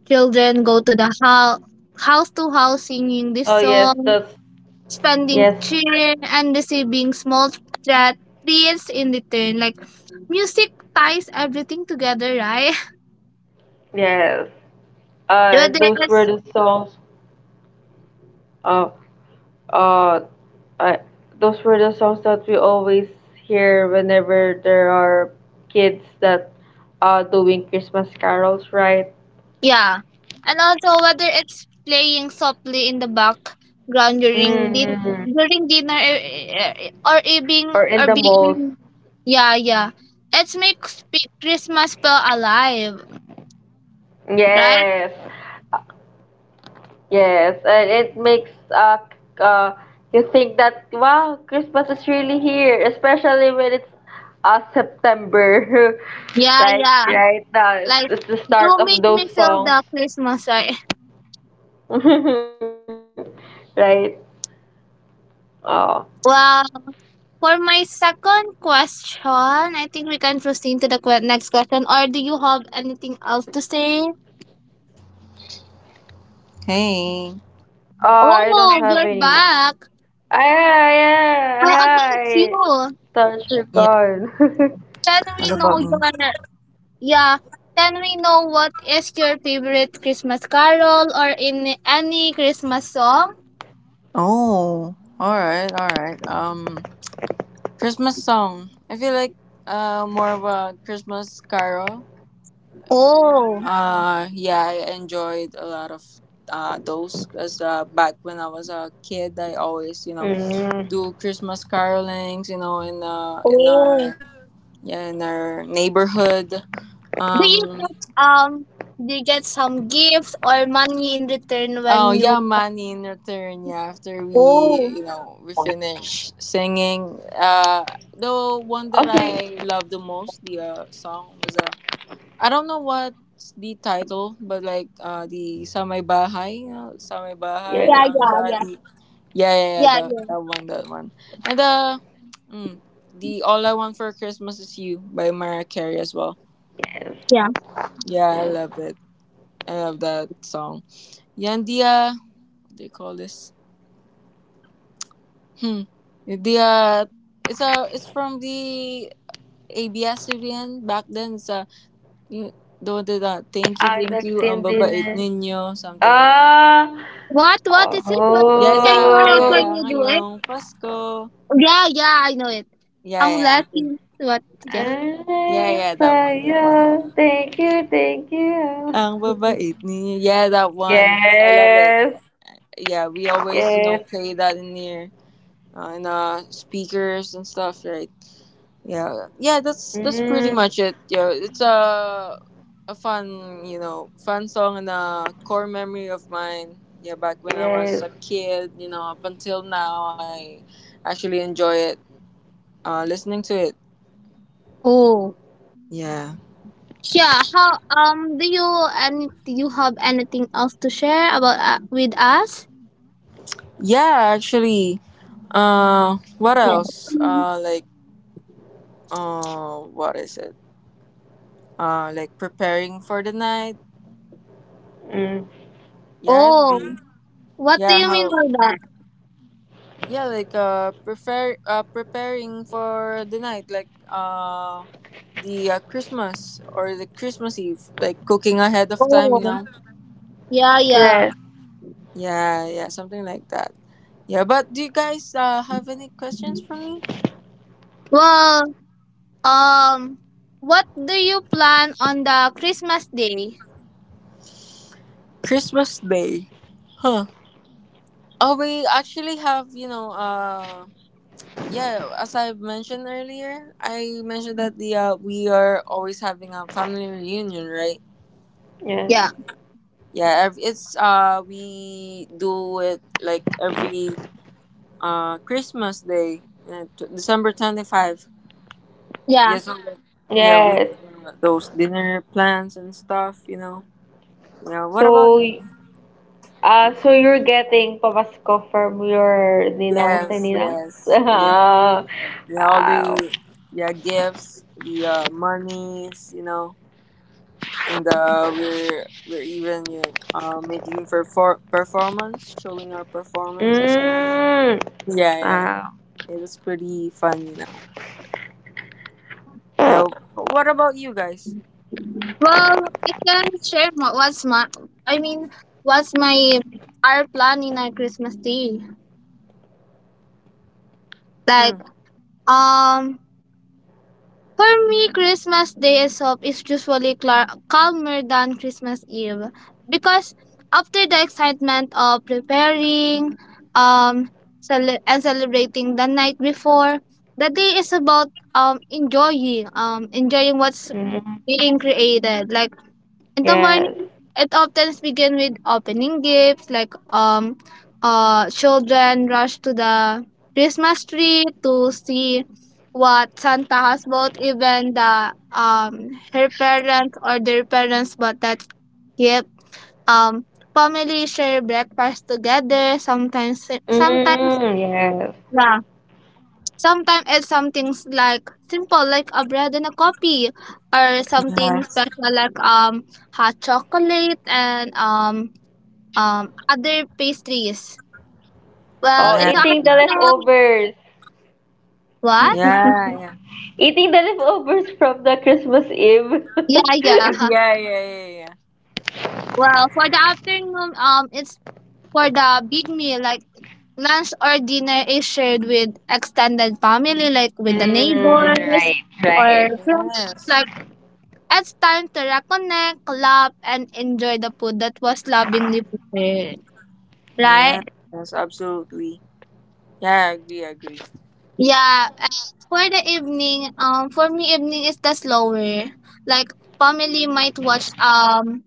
children go to the house to house singing this
Oh yes,
song
those.
spending
Yes,
cheering and receiving small threat treats in return. Like music ties everything together, right?
yes.
(laughs) Whether
Those were
it's
the songs. Uh, uh, uh, those were the songs that we always hear whenever there are kids that are doing Christmas carols, right?
Yeah. And also, whether it's playing softly in the background during
Mm-hmm.
during dinner, or evening
Or in
or
the malls.
being yeah, yeah. It makes Christmas feel alive,
Yes.
right?
Yes, and it makes c- uh you think that, wow, Christmas is really here, especially when it's September. (laughs)
Yeah,
Like
yeah.
right now, it's,
Like
it's the start
you
of
make
those
me feel
songs.
the Christmas, right?
(laughs) right? Oh. Oh,
(laughs) Wow. For my second question, I think we can proceed to the next question. Or do you have anything else to say?
Hey,
I don't have
Oh,
any.
you're back.
Ah, yeah,
How about
hi.
you?
Thought you're
yeah,
gone.
Can we
what
know
about
your,
me?
yeah? Can we know what is your favorite Christmas carol or in any Christmas song?
Oh, all right, all right. Christmas song. I feel like more of a Christmas carol.
Oh,
Yeah, I enjoyed a lot of those because back when I was a kid, I always you
(laughs)
know
mm.
do Christmas carolings. You know, in
oh.
our yeah in our neighborhood.
Do you
Um.
get um? Do you get some gifts or money in return
Oh
when you?
yeah, money in return. Yeah, after we
Oh,
you know we finish singing, the one that
Also,
I love the most, the song was I don't know what's the title, but like the Samay Bahay, you know, Samay Bahay
yes,
yeah,
na aming
yeah, yeah,
bati. Yeah, yeah, yeah,
yeah,
that
yeah,
that one, that one, and mm, the All I Want for Christmas is You by Mariah Carey as well.
yes,
yeah.
Yeah, I
yes.
love it. I love that song. Yandia, what do you call this? Hmm. The It's a it's from the abs back then. It's a you don't do that. Thank you, thank
Anak
you. Ang
Cindy.
babait ninyo, something like that.
Ah.
What? What is it? What?
Yeah,
Can
sa
you
Oh,
can
kaya
you do it?
ngayong Pasko.
Yeah, yeah, I know it.
Yeah, yeah,
Unless what? Yeah.
I'm
yeah, yeah, that one, that one.
fire. Thank you, thank you.
Ang
(laughs)
babait ninyo. Yeah, that one. I love it.
Yes,
Yeah, we
yes.
always you know play that in here in speakers and stuff, right? Yeah, yeah, that's
Mm,
pretty much it. Yeah, it's a fun, you know, fun song and a core memory of mine. Yeah, back when I
yes.
was a kid, you know, up until now, I actually enjoy it. Listening to it.
Oh,
Yeah,
yeah. How? Do you have anything else to share about with us?
yeah, actually. What
Yeah.
else? Like, what is it? Like preparing for the night.
Mm,
Yeah,
Oh,
the
what do
yeah
you mean
how
by that?
yeah, like prefer preparing for the night, like the Christmas or the Christmas Eve, like cooking ahead of time, you
Oh,
know.
yeah, yeah.
yes,
Yeah, yeah, something like that. Yeah, but do you guys have any questions for me?
Well, um, what do you plan on the Christmas day?
Christmas Day, huh? Oh, we actually have, you know, yeah, as I mentioned earlier, I mentioned that the we are always having a family reunion, right?
yes,
Yeah,
Yeah, ev- it's we do it like every Christmas day, t- December 25.
yeah.
Yeah, so like, yeah, we
yes.
have those dinner plans and stuff, you know. Yeah, what about
So,
you?
y- uh, so you're getting pamasko from your ninongs and
Yes,
ninangs? (laughs)
yes. Yeah.
Wow.
Yeah, all the yeah, gifts, the monies, you know. And we're even you know, making perfor- performance, showing our performances.
Mm,
Yeah, yeah, yeah.
wow.
It is pretty fun, you know. Nope. But what about you guys?
Well, I can share my, what's my I mean what's my our plan in our Christmas Day.
Hmm.
Like, um for me, Christmas Day itself is usually calmer than Christmas Eve, because after the excitement of preparing, um and celebrating the night before, the day is about enjoying what's
Mm,
being created. Like, in the
yes.
morning, it often begins with opening gifts, like, children rush to the Christmas tree to see what Santa has bought. Even the her parents or their parents bought that gift. Um, Family share breakfast together.
Mm, yes.
The Sometimes it's something like simple, like a bread and a coffee, or something
Yes.
special like, hot chocolate and other pastries.
Oh,
Well, in the
Yeah.
eating the
afternoon,
leftovers.
(laughs)
(laughs)
what?
Yeah. Yeah.
Eating the leftovers from the Christmas Eve.
Yeah,
(laughs)
yeah,
(laughs)
huh.
Yeah. Yeah. Yeah. Yeah.
Well, for the afternoon, it's for the big meal like lunch or dinner is shared with extended family, like with the
mm,
neighbors
right,
or
right.
friends.
Yes.
Like, it's time to reconnect, laugh, and enjoy the food that was lovingly prepared, right?
Yes. Yes. Absolutely. Yeah. I agree. I agree.
Yeah, and for the evening, for me, evening is the slower. Like, family might watch,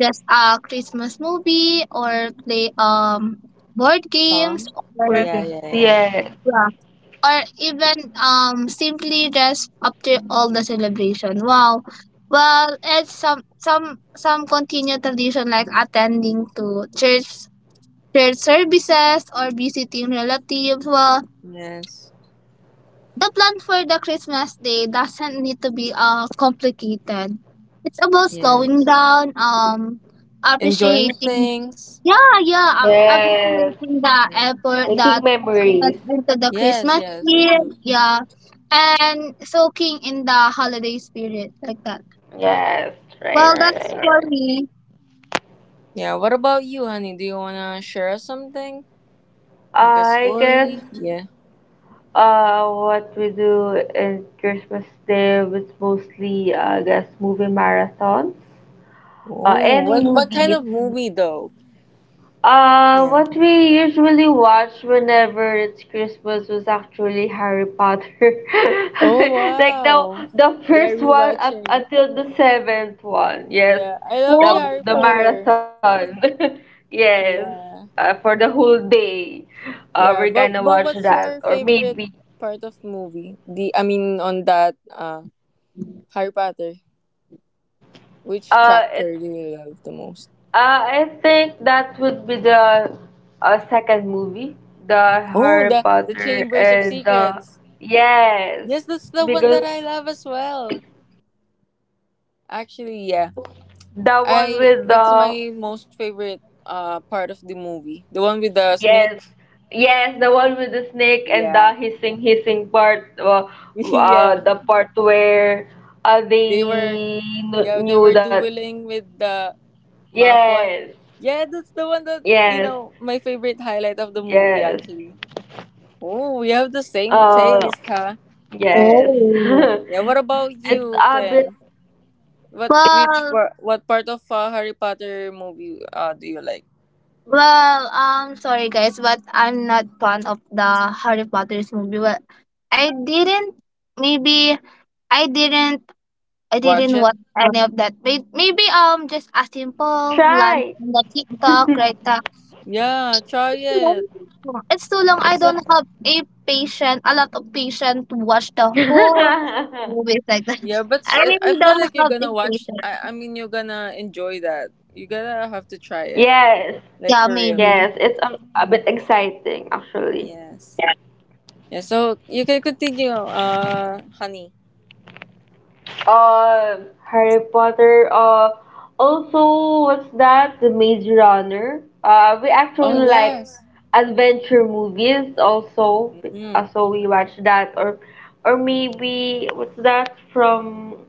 just a Christmas movie or play, board games,
Song.
For this.
or
Yeah. Yeah. Yeah.
Yes.
yeah, or even, simply rest after all the celebration. Wow. Well, it's some continued tradition like attending to church services or visiting relatives. Well,
Yes.
the plan for the Christmas day doesn't need to be, complicated. It's about slowing
Yes.
down,
Enjoying
appreciating,
things.
yeah, yeah,
Yes.
appreciating the
Yeah.
effort that
Making
went
memories.
into the
Yes.
Christmas
Yes.
year,
Absolutely.
yeah, and soaking in the holiday spirit, like that.
Yes,
All
Well,
right,
right. All
that's
right.
for
right.
me.
Yeah. What about you, honey? Do you wanna share something? Like a
I guess
story? Yeah.
what we do in Christmas Day was mostly, I guess, movie marathons.
Oh.
Any
What kind
movies.
of movie though?
What we usually watched whenever it's Christmas was actually Harry Potter. (laughs)
Oh
Like the
wow.
the
Yeah,
first one up
rewatching.
until the seventh one. Yes.
Yeah. I love the
Oh,
Harry
The
Potter.
marathon. (laughs) Yes.
Yeah.
For the whole day.
Yeah.
We're gonna
But
watch
what's
that,
your
or
favorite
maybe
part of movie? The I mean on that Harry Potter. Which chapter do
it's
you love the most?
I think that would be the second movie, the
Oh
Harry
the
Potter
Chambers of
and the,
Secrets.
yes,
Yes, that's the one that
because,
I love as well. Actually, yeah.
oh, the one
I
with
that's
the,
my most favorite part of the movie. The one with the snake.
yes, yes, the one with the snake and
Yeah.
the hissing part,
(laughs) yeah.
the part where uh,
They were
they
yeah, they
knew
were
that,
dueling with the Malfoy.
yes,
Yeah, that's the one that you
yes,
know, my favorite highlight of the movie
yes,
actually. Oh, we have the same
uh,
taste, huh?
yes.
oh.
(laughs)
Yeah, what about
It's
you,
a bit
Quinn? What which
Well,
par- what part of Harry Potter movie do you like?
well, sorry, guys, but I'm not fond of the Harry Potter's movie. Well, I didn't, maybe I didn't I
Watch
didn't
it?
watch any of that. Maybe, just a simple glance
try.
on the TikTok
(laughs)
right now.
Yeah, try it.
It's too long. I
It's
don't
a
have a patient, a lot of patience to watch the whole movies like that.
yeah, but
(laughs)
s-
I
eh, I
really
feel
don't
like you're
have a
gonna watch.
patience.
I mean, you're gonna enjoy that. You're gonna have to try it,
Yes,
like
Yeah,
for real.
maybe.
yes, it's a bit exciting actually.
Yes. Yeah, so you can continue, honey.
Harry Potter. Also, what's that? The Maze Runner. We
Oh,
actually like
yes.
adventure movies also.
Mm.
So we watch that, or maybe what's that from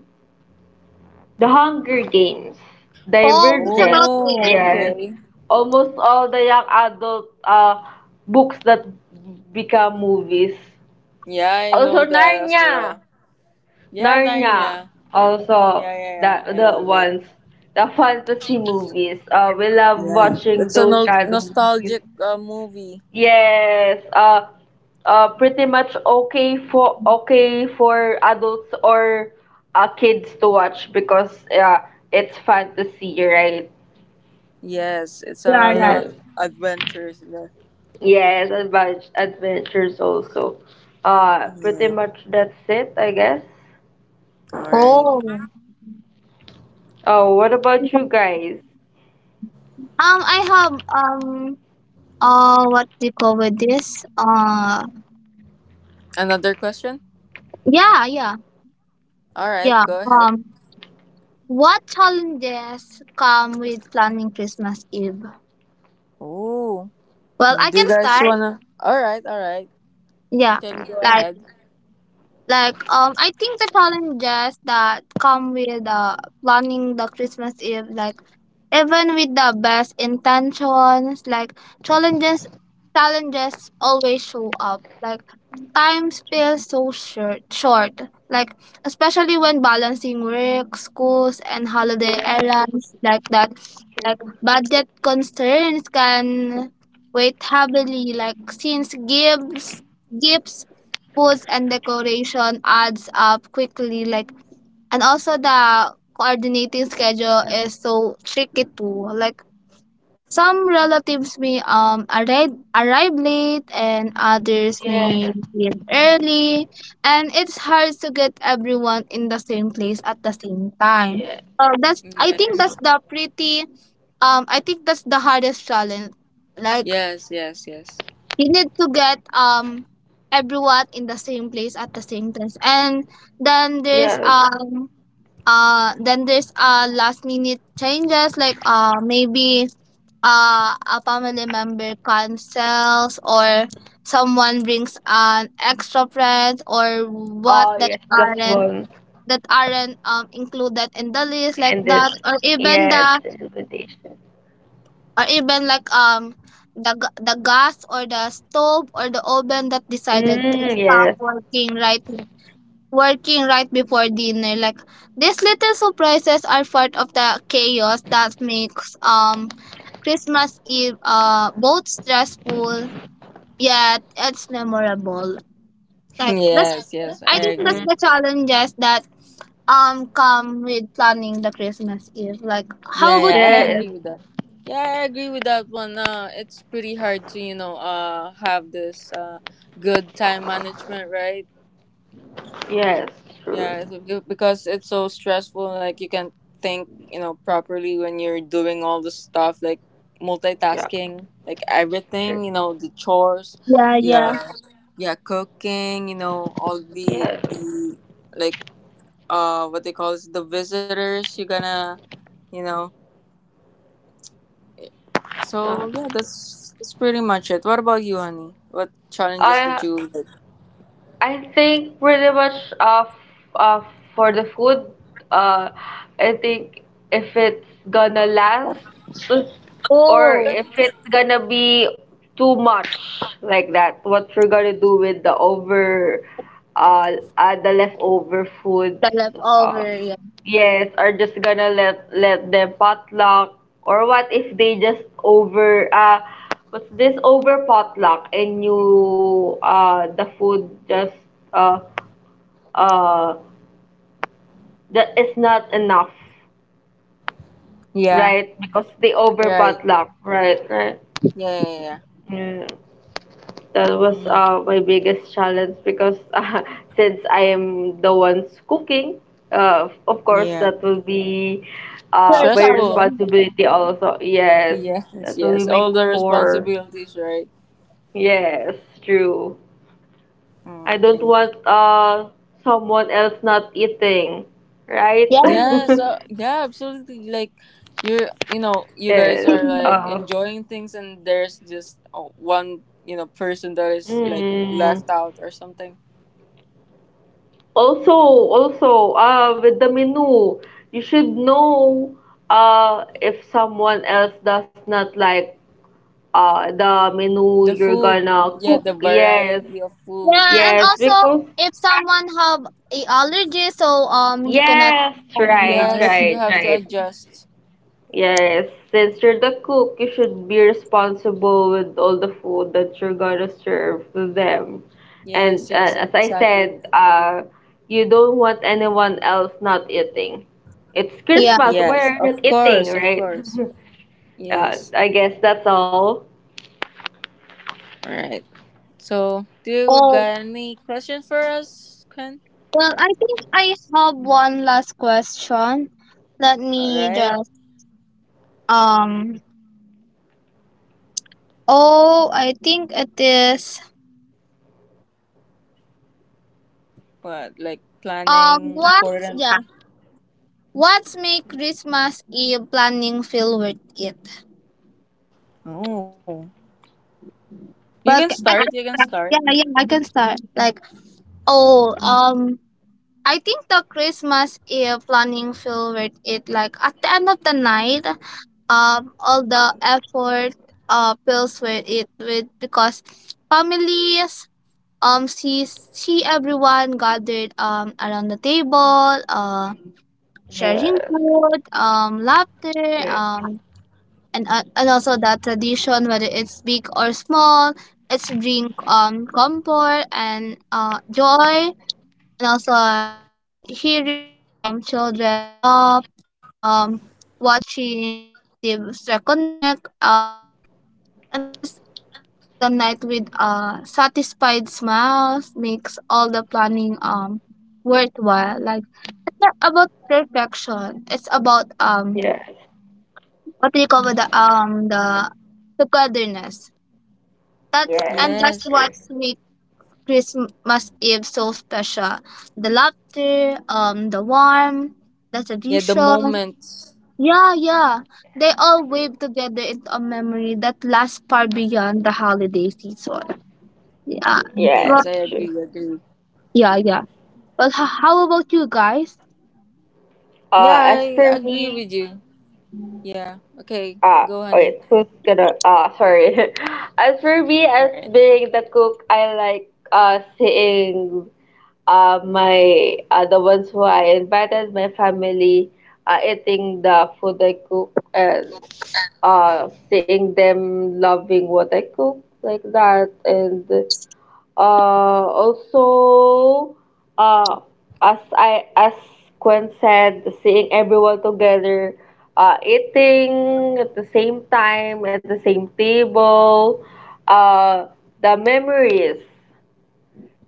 The Hunger Games?
Oh, it's
Divergent.
about
Oh,
it?
Yes,
okay.
almost all the young adult books that become movies.
Yeah, I
Also
know that as
Narnia,
well. Yeah,
Narnia.
Narnia.
Also
Yeah, yeah, yeah.
that
I
the
love it.
ones, the fantasy movies. We love
Yeah.
watching
It's a
those
no-
kind of movies.
nostalgic movie.
Yes. Pretty much okay for okay for adults or kids to watch, because it's fantasy, right?
Yes, it's a
Yeah, right.
lot
Yes.
adventures in there.
Yes, adventures also. Pretty
Yeah.
much that's it, I guess.
All right.
Oh.
Oh, what about you guys?
I have, what do you call with this?
Another question?
Yeah, yeah.
All right,
Yeah.
go ahead.
What challenges come with planning Christmas Eve?
Oh,
Well, I
do you
can
guys
start.
wanna? All right, all right. You
Yeah.
can go
Like
ahead.
I think the challenges that come with, planning the Christmas Eve, like, even with the best intentions. Like, challenges challenges always show up. Like, time feels so short. Like, especially when balancing work, schools, and holiday
Yeah,
errands, like that. Like,
true.
budget concerns can weigh heavily, like since gifts, foods, and decoration adds up quickly. Like, and also, the coordinating schedule is so tricky too. Like, some relatives may, arrive late, and others may
Yes,
leave early, and it's hard to get everyone in the same place at the same time.
yes,
So that's, I think
Yes.
that's
true,
the pretty, I think that's the hardest challenge. Like,
Yes, yes, yes.
you need to get, everyone in the same place at the same time. And then there's
yes.
um then there's, last minute changes, like, maybe, a family member cancels or someone brings an extra friends or
Oh,
what
yes,
that
plus
aren't,
one.
included in the list, like
And
that.
then,
Or even
yes,
the
invitation.
or even like, the gas or the stove or the oven that decided to
Mm,
stop
yes.
working right before dinner. Like, these little surprises are part of the chaos that makes, Christmas Eve, both stressful yet it's memorable. Like, that's,
Yes, yes, I
I think that's
Mm,
agree.
the challenges that, come with planning the Christmas Eve. Like,
Yeah,
how
yeah,
about
I
you
yes,
agree
guys?
with that. Yeah, I agree with that one. It's pretty hard to, you know, have this good time management, right?
yes, true.
Yeah, it's a good- because it's so stressful. Like you can't think, you know, properly when you're doing all the stuff, like
Yeah,
multitasking, like
true.
everything, you know, the chores,
Yeah,
the
yeah.
yeah, cooking, you know, all the
Yes. Yeah.
like what they call it, the visitors. You're gonna you know so yeah,
No.
that's pretty much it. What about you, honey? What challenges did
I
you? Like?
I think pretty much, for the food, uh, I think if it's gonna last, or
Oh,
if it's gonna be too much, like that, what we're gonna do with the over, uh, the leftover foods.
the
uh,
leftover. Yeah.
Yes, are just gonna let them potluck, or what if they just over what's this, over potluck, and you the food just uh uh that is not enough,
Yeah.
right? Because they over
Right.
potluck, right, right?
Yeah. Yeah. Yeah.
Yeah. That was
Mm,
my biggest challenge, because (laughs) since I am the ones cooking, of course,
yeah.
that will be
Your
my
Stressful.
problem.
responsibility also. Yes,
Yes.
that will be
Yes. All
my
the
core.
responsibilities, right?
Yes, true.
Mm,
I don't
okay.
want someone else not eating, right?
Yeah.
Yeah. So yeah, absolutely. Like you're, you know,
(laughs)
you guys
yes.
are like
(laughs)
Uh,
enjoying things, and there's just oh, one, you know, person that is like
mm,
left out or something.
Also, also, with the menu, you should know, if someone else does not like the menu
The
you're
food.
gonna
Yeah.
cook.
The
Yes,
variety of
Yeah,
foods.
and
yes,
also,
because,
if someone have a allergy, so, you cannot.
yes,
Oh,
right,
yeah,
Yes, you
right,
right.
have to
right.
adjust.
Yes, since you're the cook, you should be responsible with all the food that you're gonna serve to them.
Yes,
And
yes,
as I
exactly.
said, you don't want anyone else not eating. It's
Yeah.
Christmas, why
Yes,
are you
of
not eating,
course, of
right?
course.
(laughs)
Yes.
I guess that's all.
All right. So, do you
Oh,
got any question for us, Ken?
well, I think I have one last question. Let
All
me
right.
just um. Oh, I think it is.
What like planning
What?
important?
Yeah. What's make Christmas Eve planning feel worth it?
Oh, you can
Well,
start.
I
You
can
can
start.
start.
Yeah, yeah, I can start. Like, oh, I think the Christmas Eve planning feel with it, like, at the end of the night, all the effort, feels with it with, because families, see everyone gathered, around the table,
Yes,
sharing food, laughter, and, and also, the tradition, whether it's big or small, it's bring, comfort and, joy, and also, hearing, children laugh, um watching relatives reconnect, and this ending the night with, satisfied smiles makes all the planning, worthwhile. Like, it's not about perfection. It's about,
yes,
what do you call it, the, togetherness. That's
yes,
and that's
Yes.
true,
what makes Christmas Eve so special. The laughter, the warmth, the
Yeah, the
tradition.
moments.
Yeah, yeah. They all
true.
weave together into a memory that lasts far beyond the holiday season. Yeah. Right.
Yes,
Yes, I
true.
agree. Agree.
Yeah, yeah. But how about you guys?
Yeah,
As
I
for
agree
me,
with you. Yeah. Okay.
ah,
Go,
wait,
honey.
who's gonna? Ah, sorry. (laughs) As for me, as
Right.
being the cook, I like seeing my the ones who I invited, my family, eating the food I cook, and seeing them loving what I cook, like that. And also, uh, as I as Gwen said, seeing everyone together, eating at the same time at the same table, uh, the memories,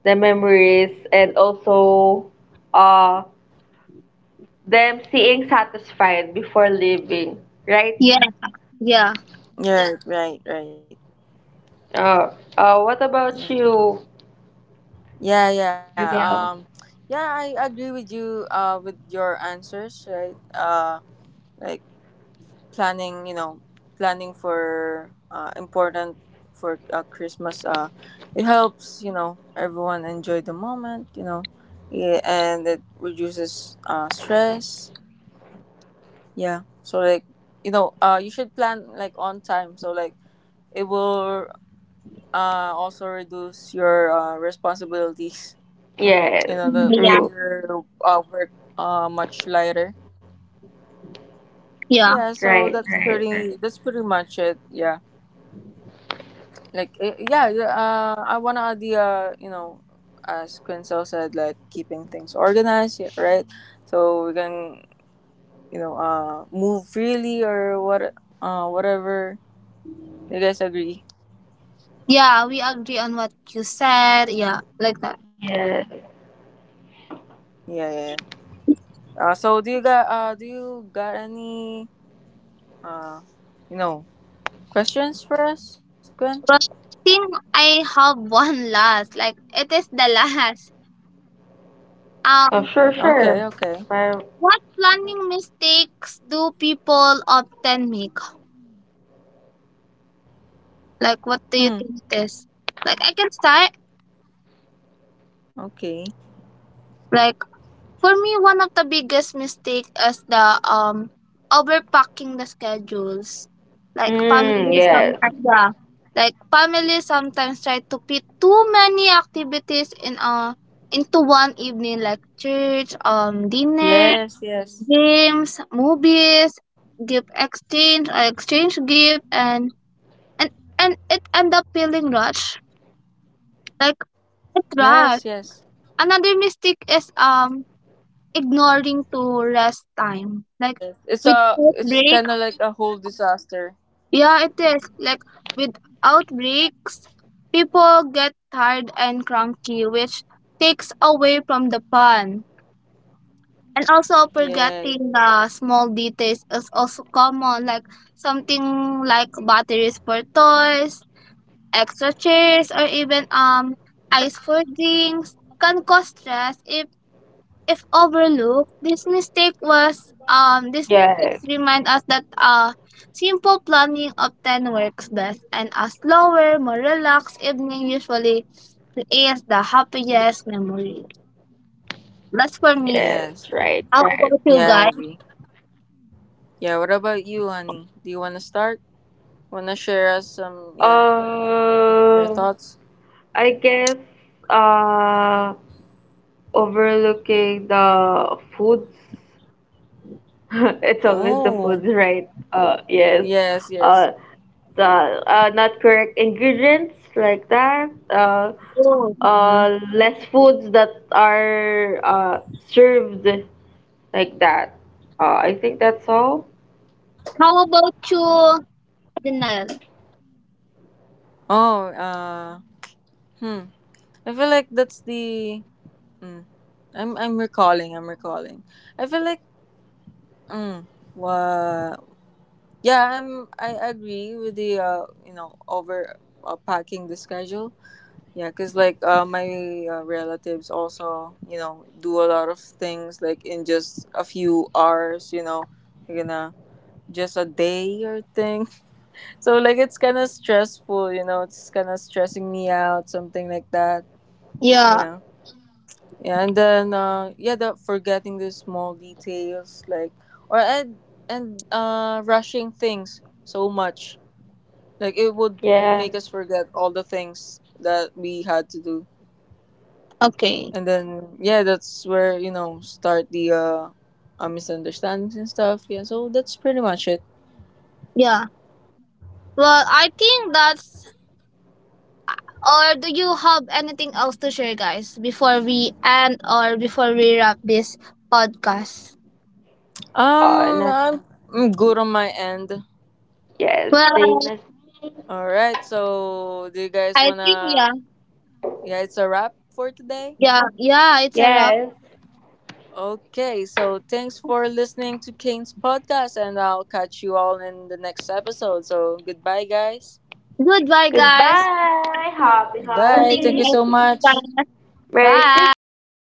the memories, and also, uh, them seeing satisfied before leaving, right?
Yeah, yeah.
Yeah. Right. Right.
What about you?
Yeah, yeah. Yeah, I agree with you. With your answers, right? Like planning, you know, planning for important for Christmas. It helps, you know, everyone enjoy the moment, you know, yeah, and it reduces stress. Yeah, so like you know, you should plan like on time. So like it will also reduce your responsibilities (laughs) you know
Yes,
that make
Yeah.
true.
your work much lighter
Yeah.
yeah
Right,
so
right, right.
that's pretty much it yeah like eh, yeah the, I want to add the you know as Quinzel said like keeping things organized yeah, right so we can you know move freely or what whatever you guys agree
Yeah, we agree on what you said. Yeah, like that.
Yes.
yeah yeah, yeah. So do you got any uh you know questions for us Gwen
But I think I have (laughs) one last. Like, it is the last.
okay
Oh,
Um
sure,
okay
sure. Well,
What planning mistakes do people often make? Like, what
hmm
do you think it is? Like, I can start.
okay.
Like, for me, one of the biggest mistake is the, overpacking the schedules. Like, family
mm, yes,
sometimes, yeah. Like, family sometimes try to fit too many activities in, into one evening, like church, dinner,
Yes, yes.
games, movies, gift exchange, or exchange gift, and and and it end up feeling rushed. Like, it's rushed.
Yes, yes.
Another mistake is, ignoring to rest time, like
Yes. It's a
without
it's
break.
kind of like a whole disaster.
Yeah, it is, like, without breaks, people get tired and cranky, which takes away from the fun. And also,
Yeah, yeah.
forgetting the small details is also common, like something like batteries for toys, extra chairs, or even, ice for drinks, can cause stress if, overlooked. This mistake was These
yes,
mistakes remind us that, simple planning often works best, and a slower, more relaxed evening usually creates the happiest memory. That's for me.
yes,
Yes.
right,
How
right.
about you
Yeah, I
guys?
agree. Yeah, what about you, honey? Do you want to start? Want to share us some yeah, your
Uh,
thoughts?
I guess uh, overlooking the foods. (laughs) It's always the
Oh.
foods, right? Yes.
Yes, yes.
Uh, the not correct ingredients, like that.
Oh.
Mhm.
Less foods that are served like that. I think that's all.
How about you, Janelle?
Oh, hmm. I feel like that's the mm, I'm recalling, I'm recalling. I feel like mm, what yeah, I'm. I agree with the you know over packing the schedule. Yeah, because like my relatives also you know do a lot of things like in just a few hours. You know, you're gonna just a day or thing. (laughs) So like it's kind of stressful. You know, it's kind of stressing me out. Something like that.
Yeah,
Yeah. Yeah, and then yeah, the forgetting the small details like or and rushing things so much like it would
Yeah.
make us forget all the things that we had to do.
okay.
And then yeah, that's where, you know, start the misunderstandings and stuff. Yeah, so that's pretty much it.
Yeah. Well, I think that's or do you have anything else to share, guys, before we end or before we wrap this podcast?
Oh,
Um
not
I'm, I'm good on my end.
yes, same
Well,
as me.
All right. So, do you guys
I
want
think, yeah,
to yeah, it's a wrap for today.
yeah, yeah, it's a wrap.
Yes.
Okay. So, thanks for listening to Kane's podcast and I'll catch you all in the next episode. So, goodbye guys.
Goodbye, guys.
Goodbye. Happy
Bye. Thank
Something
you
like
so
holiday.
much.
that.
Merry
Bye.
Christmas.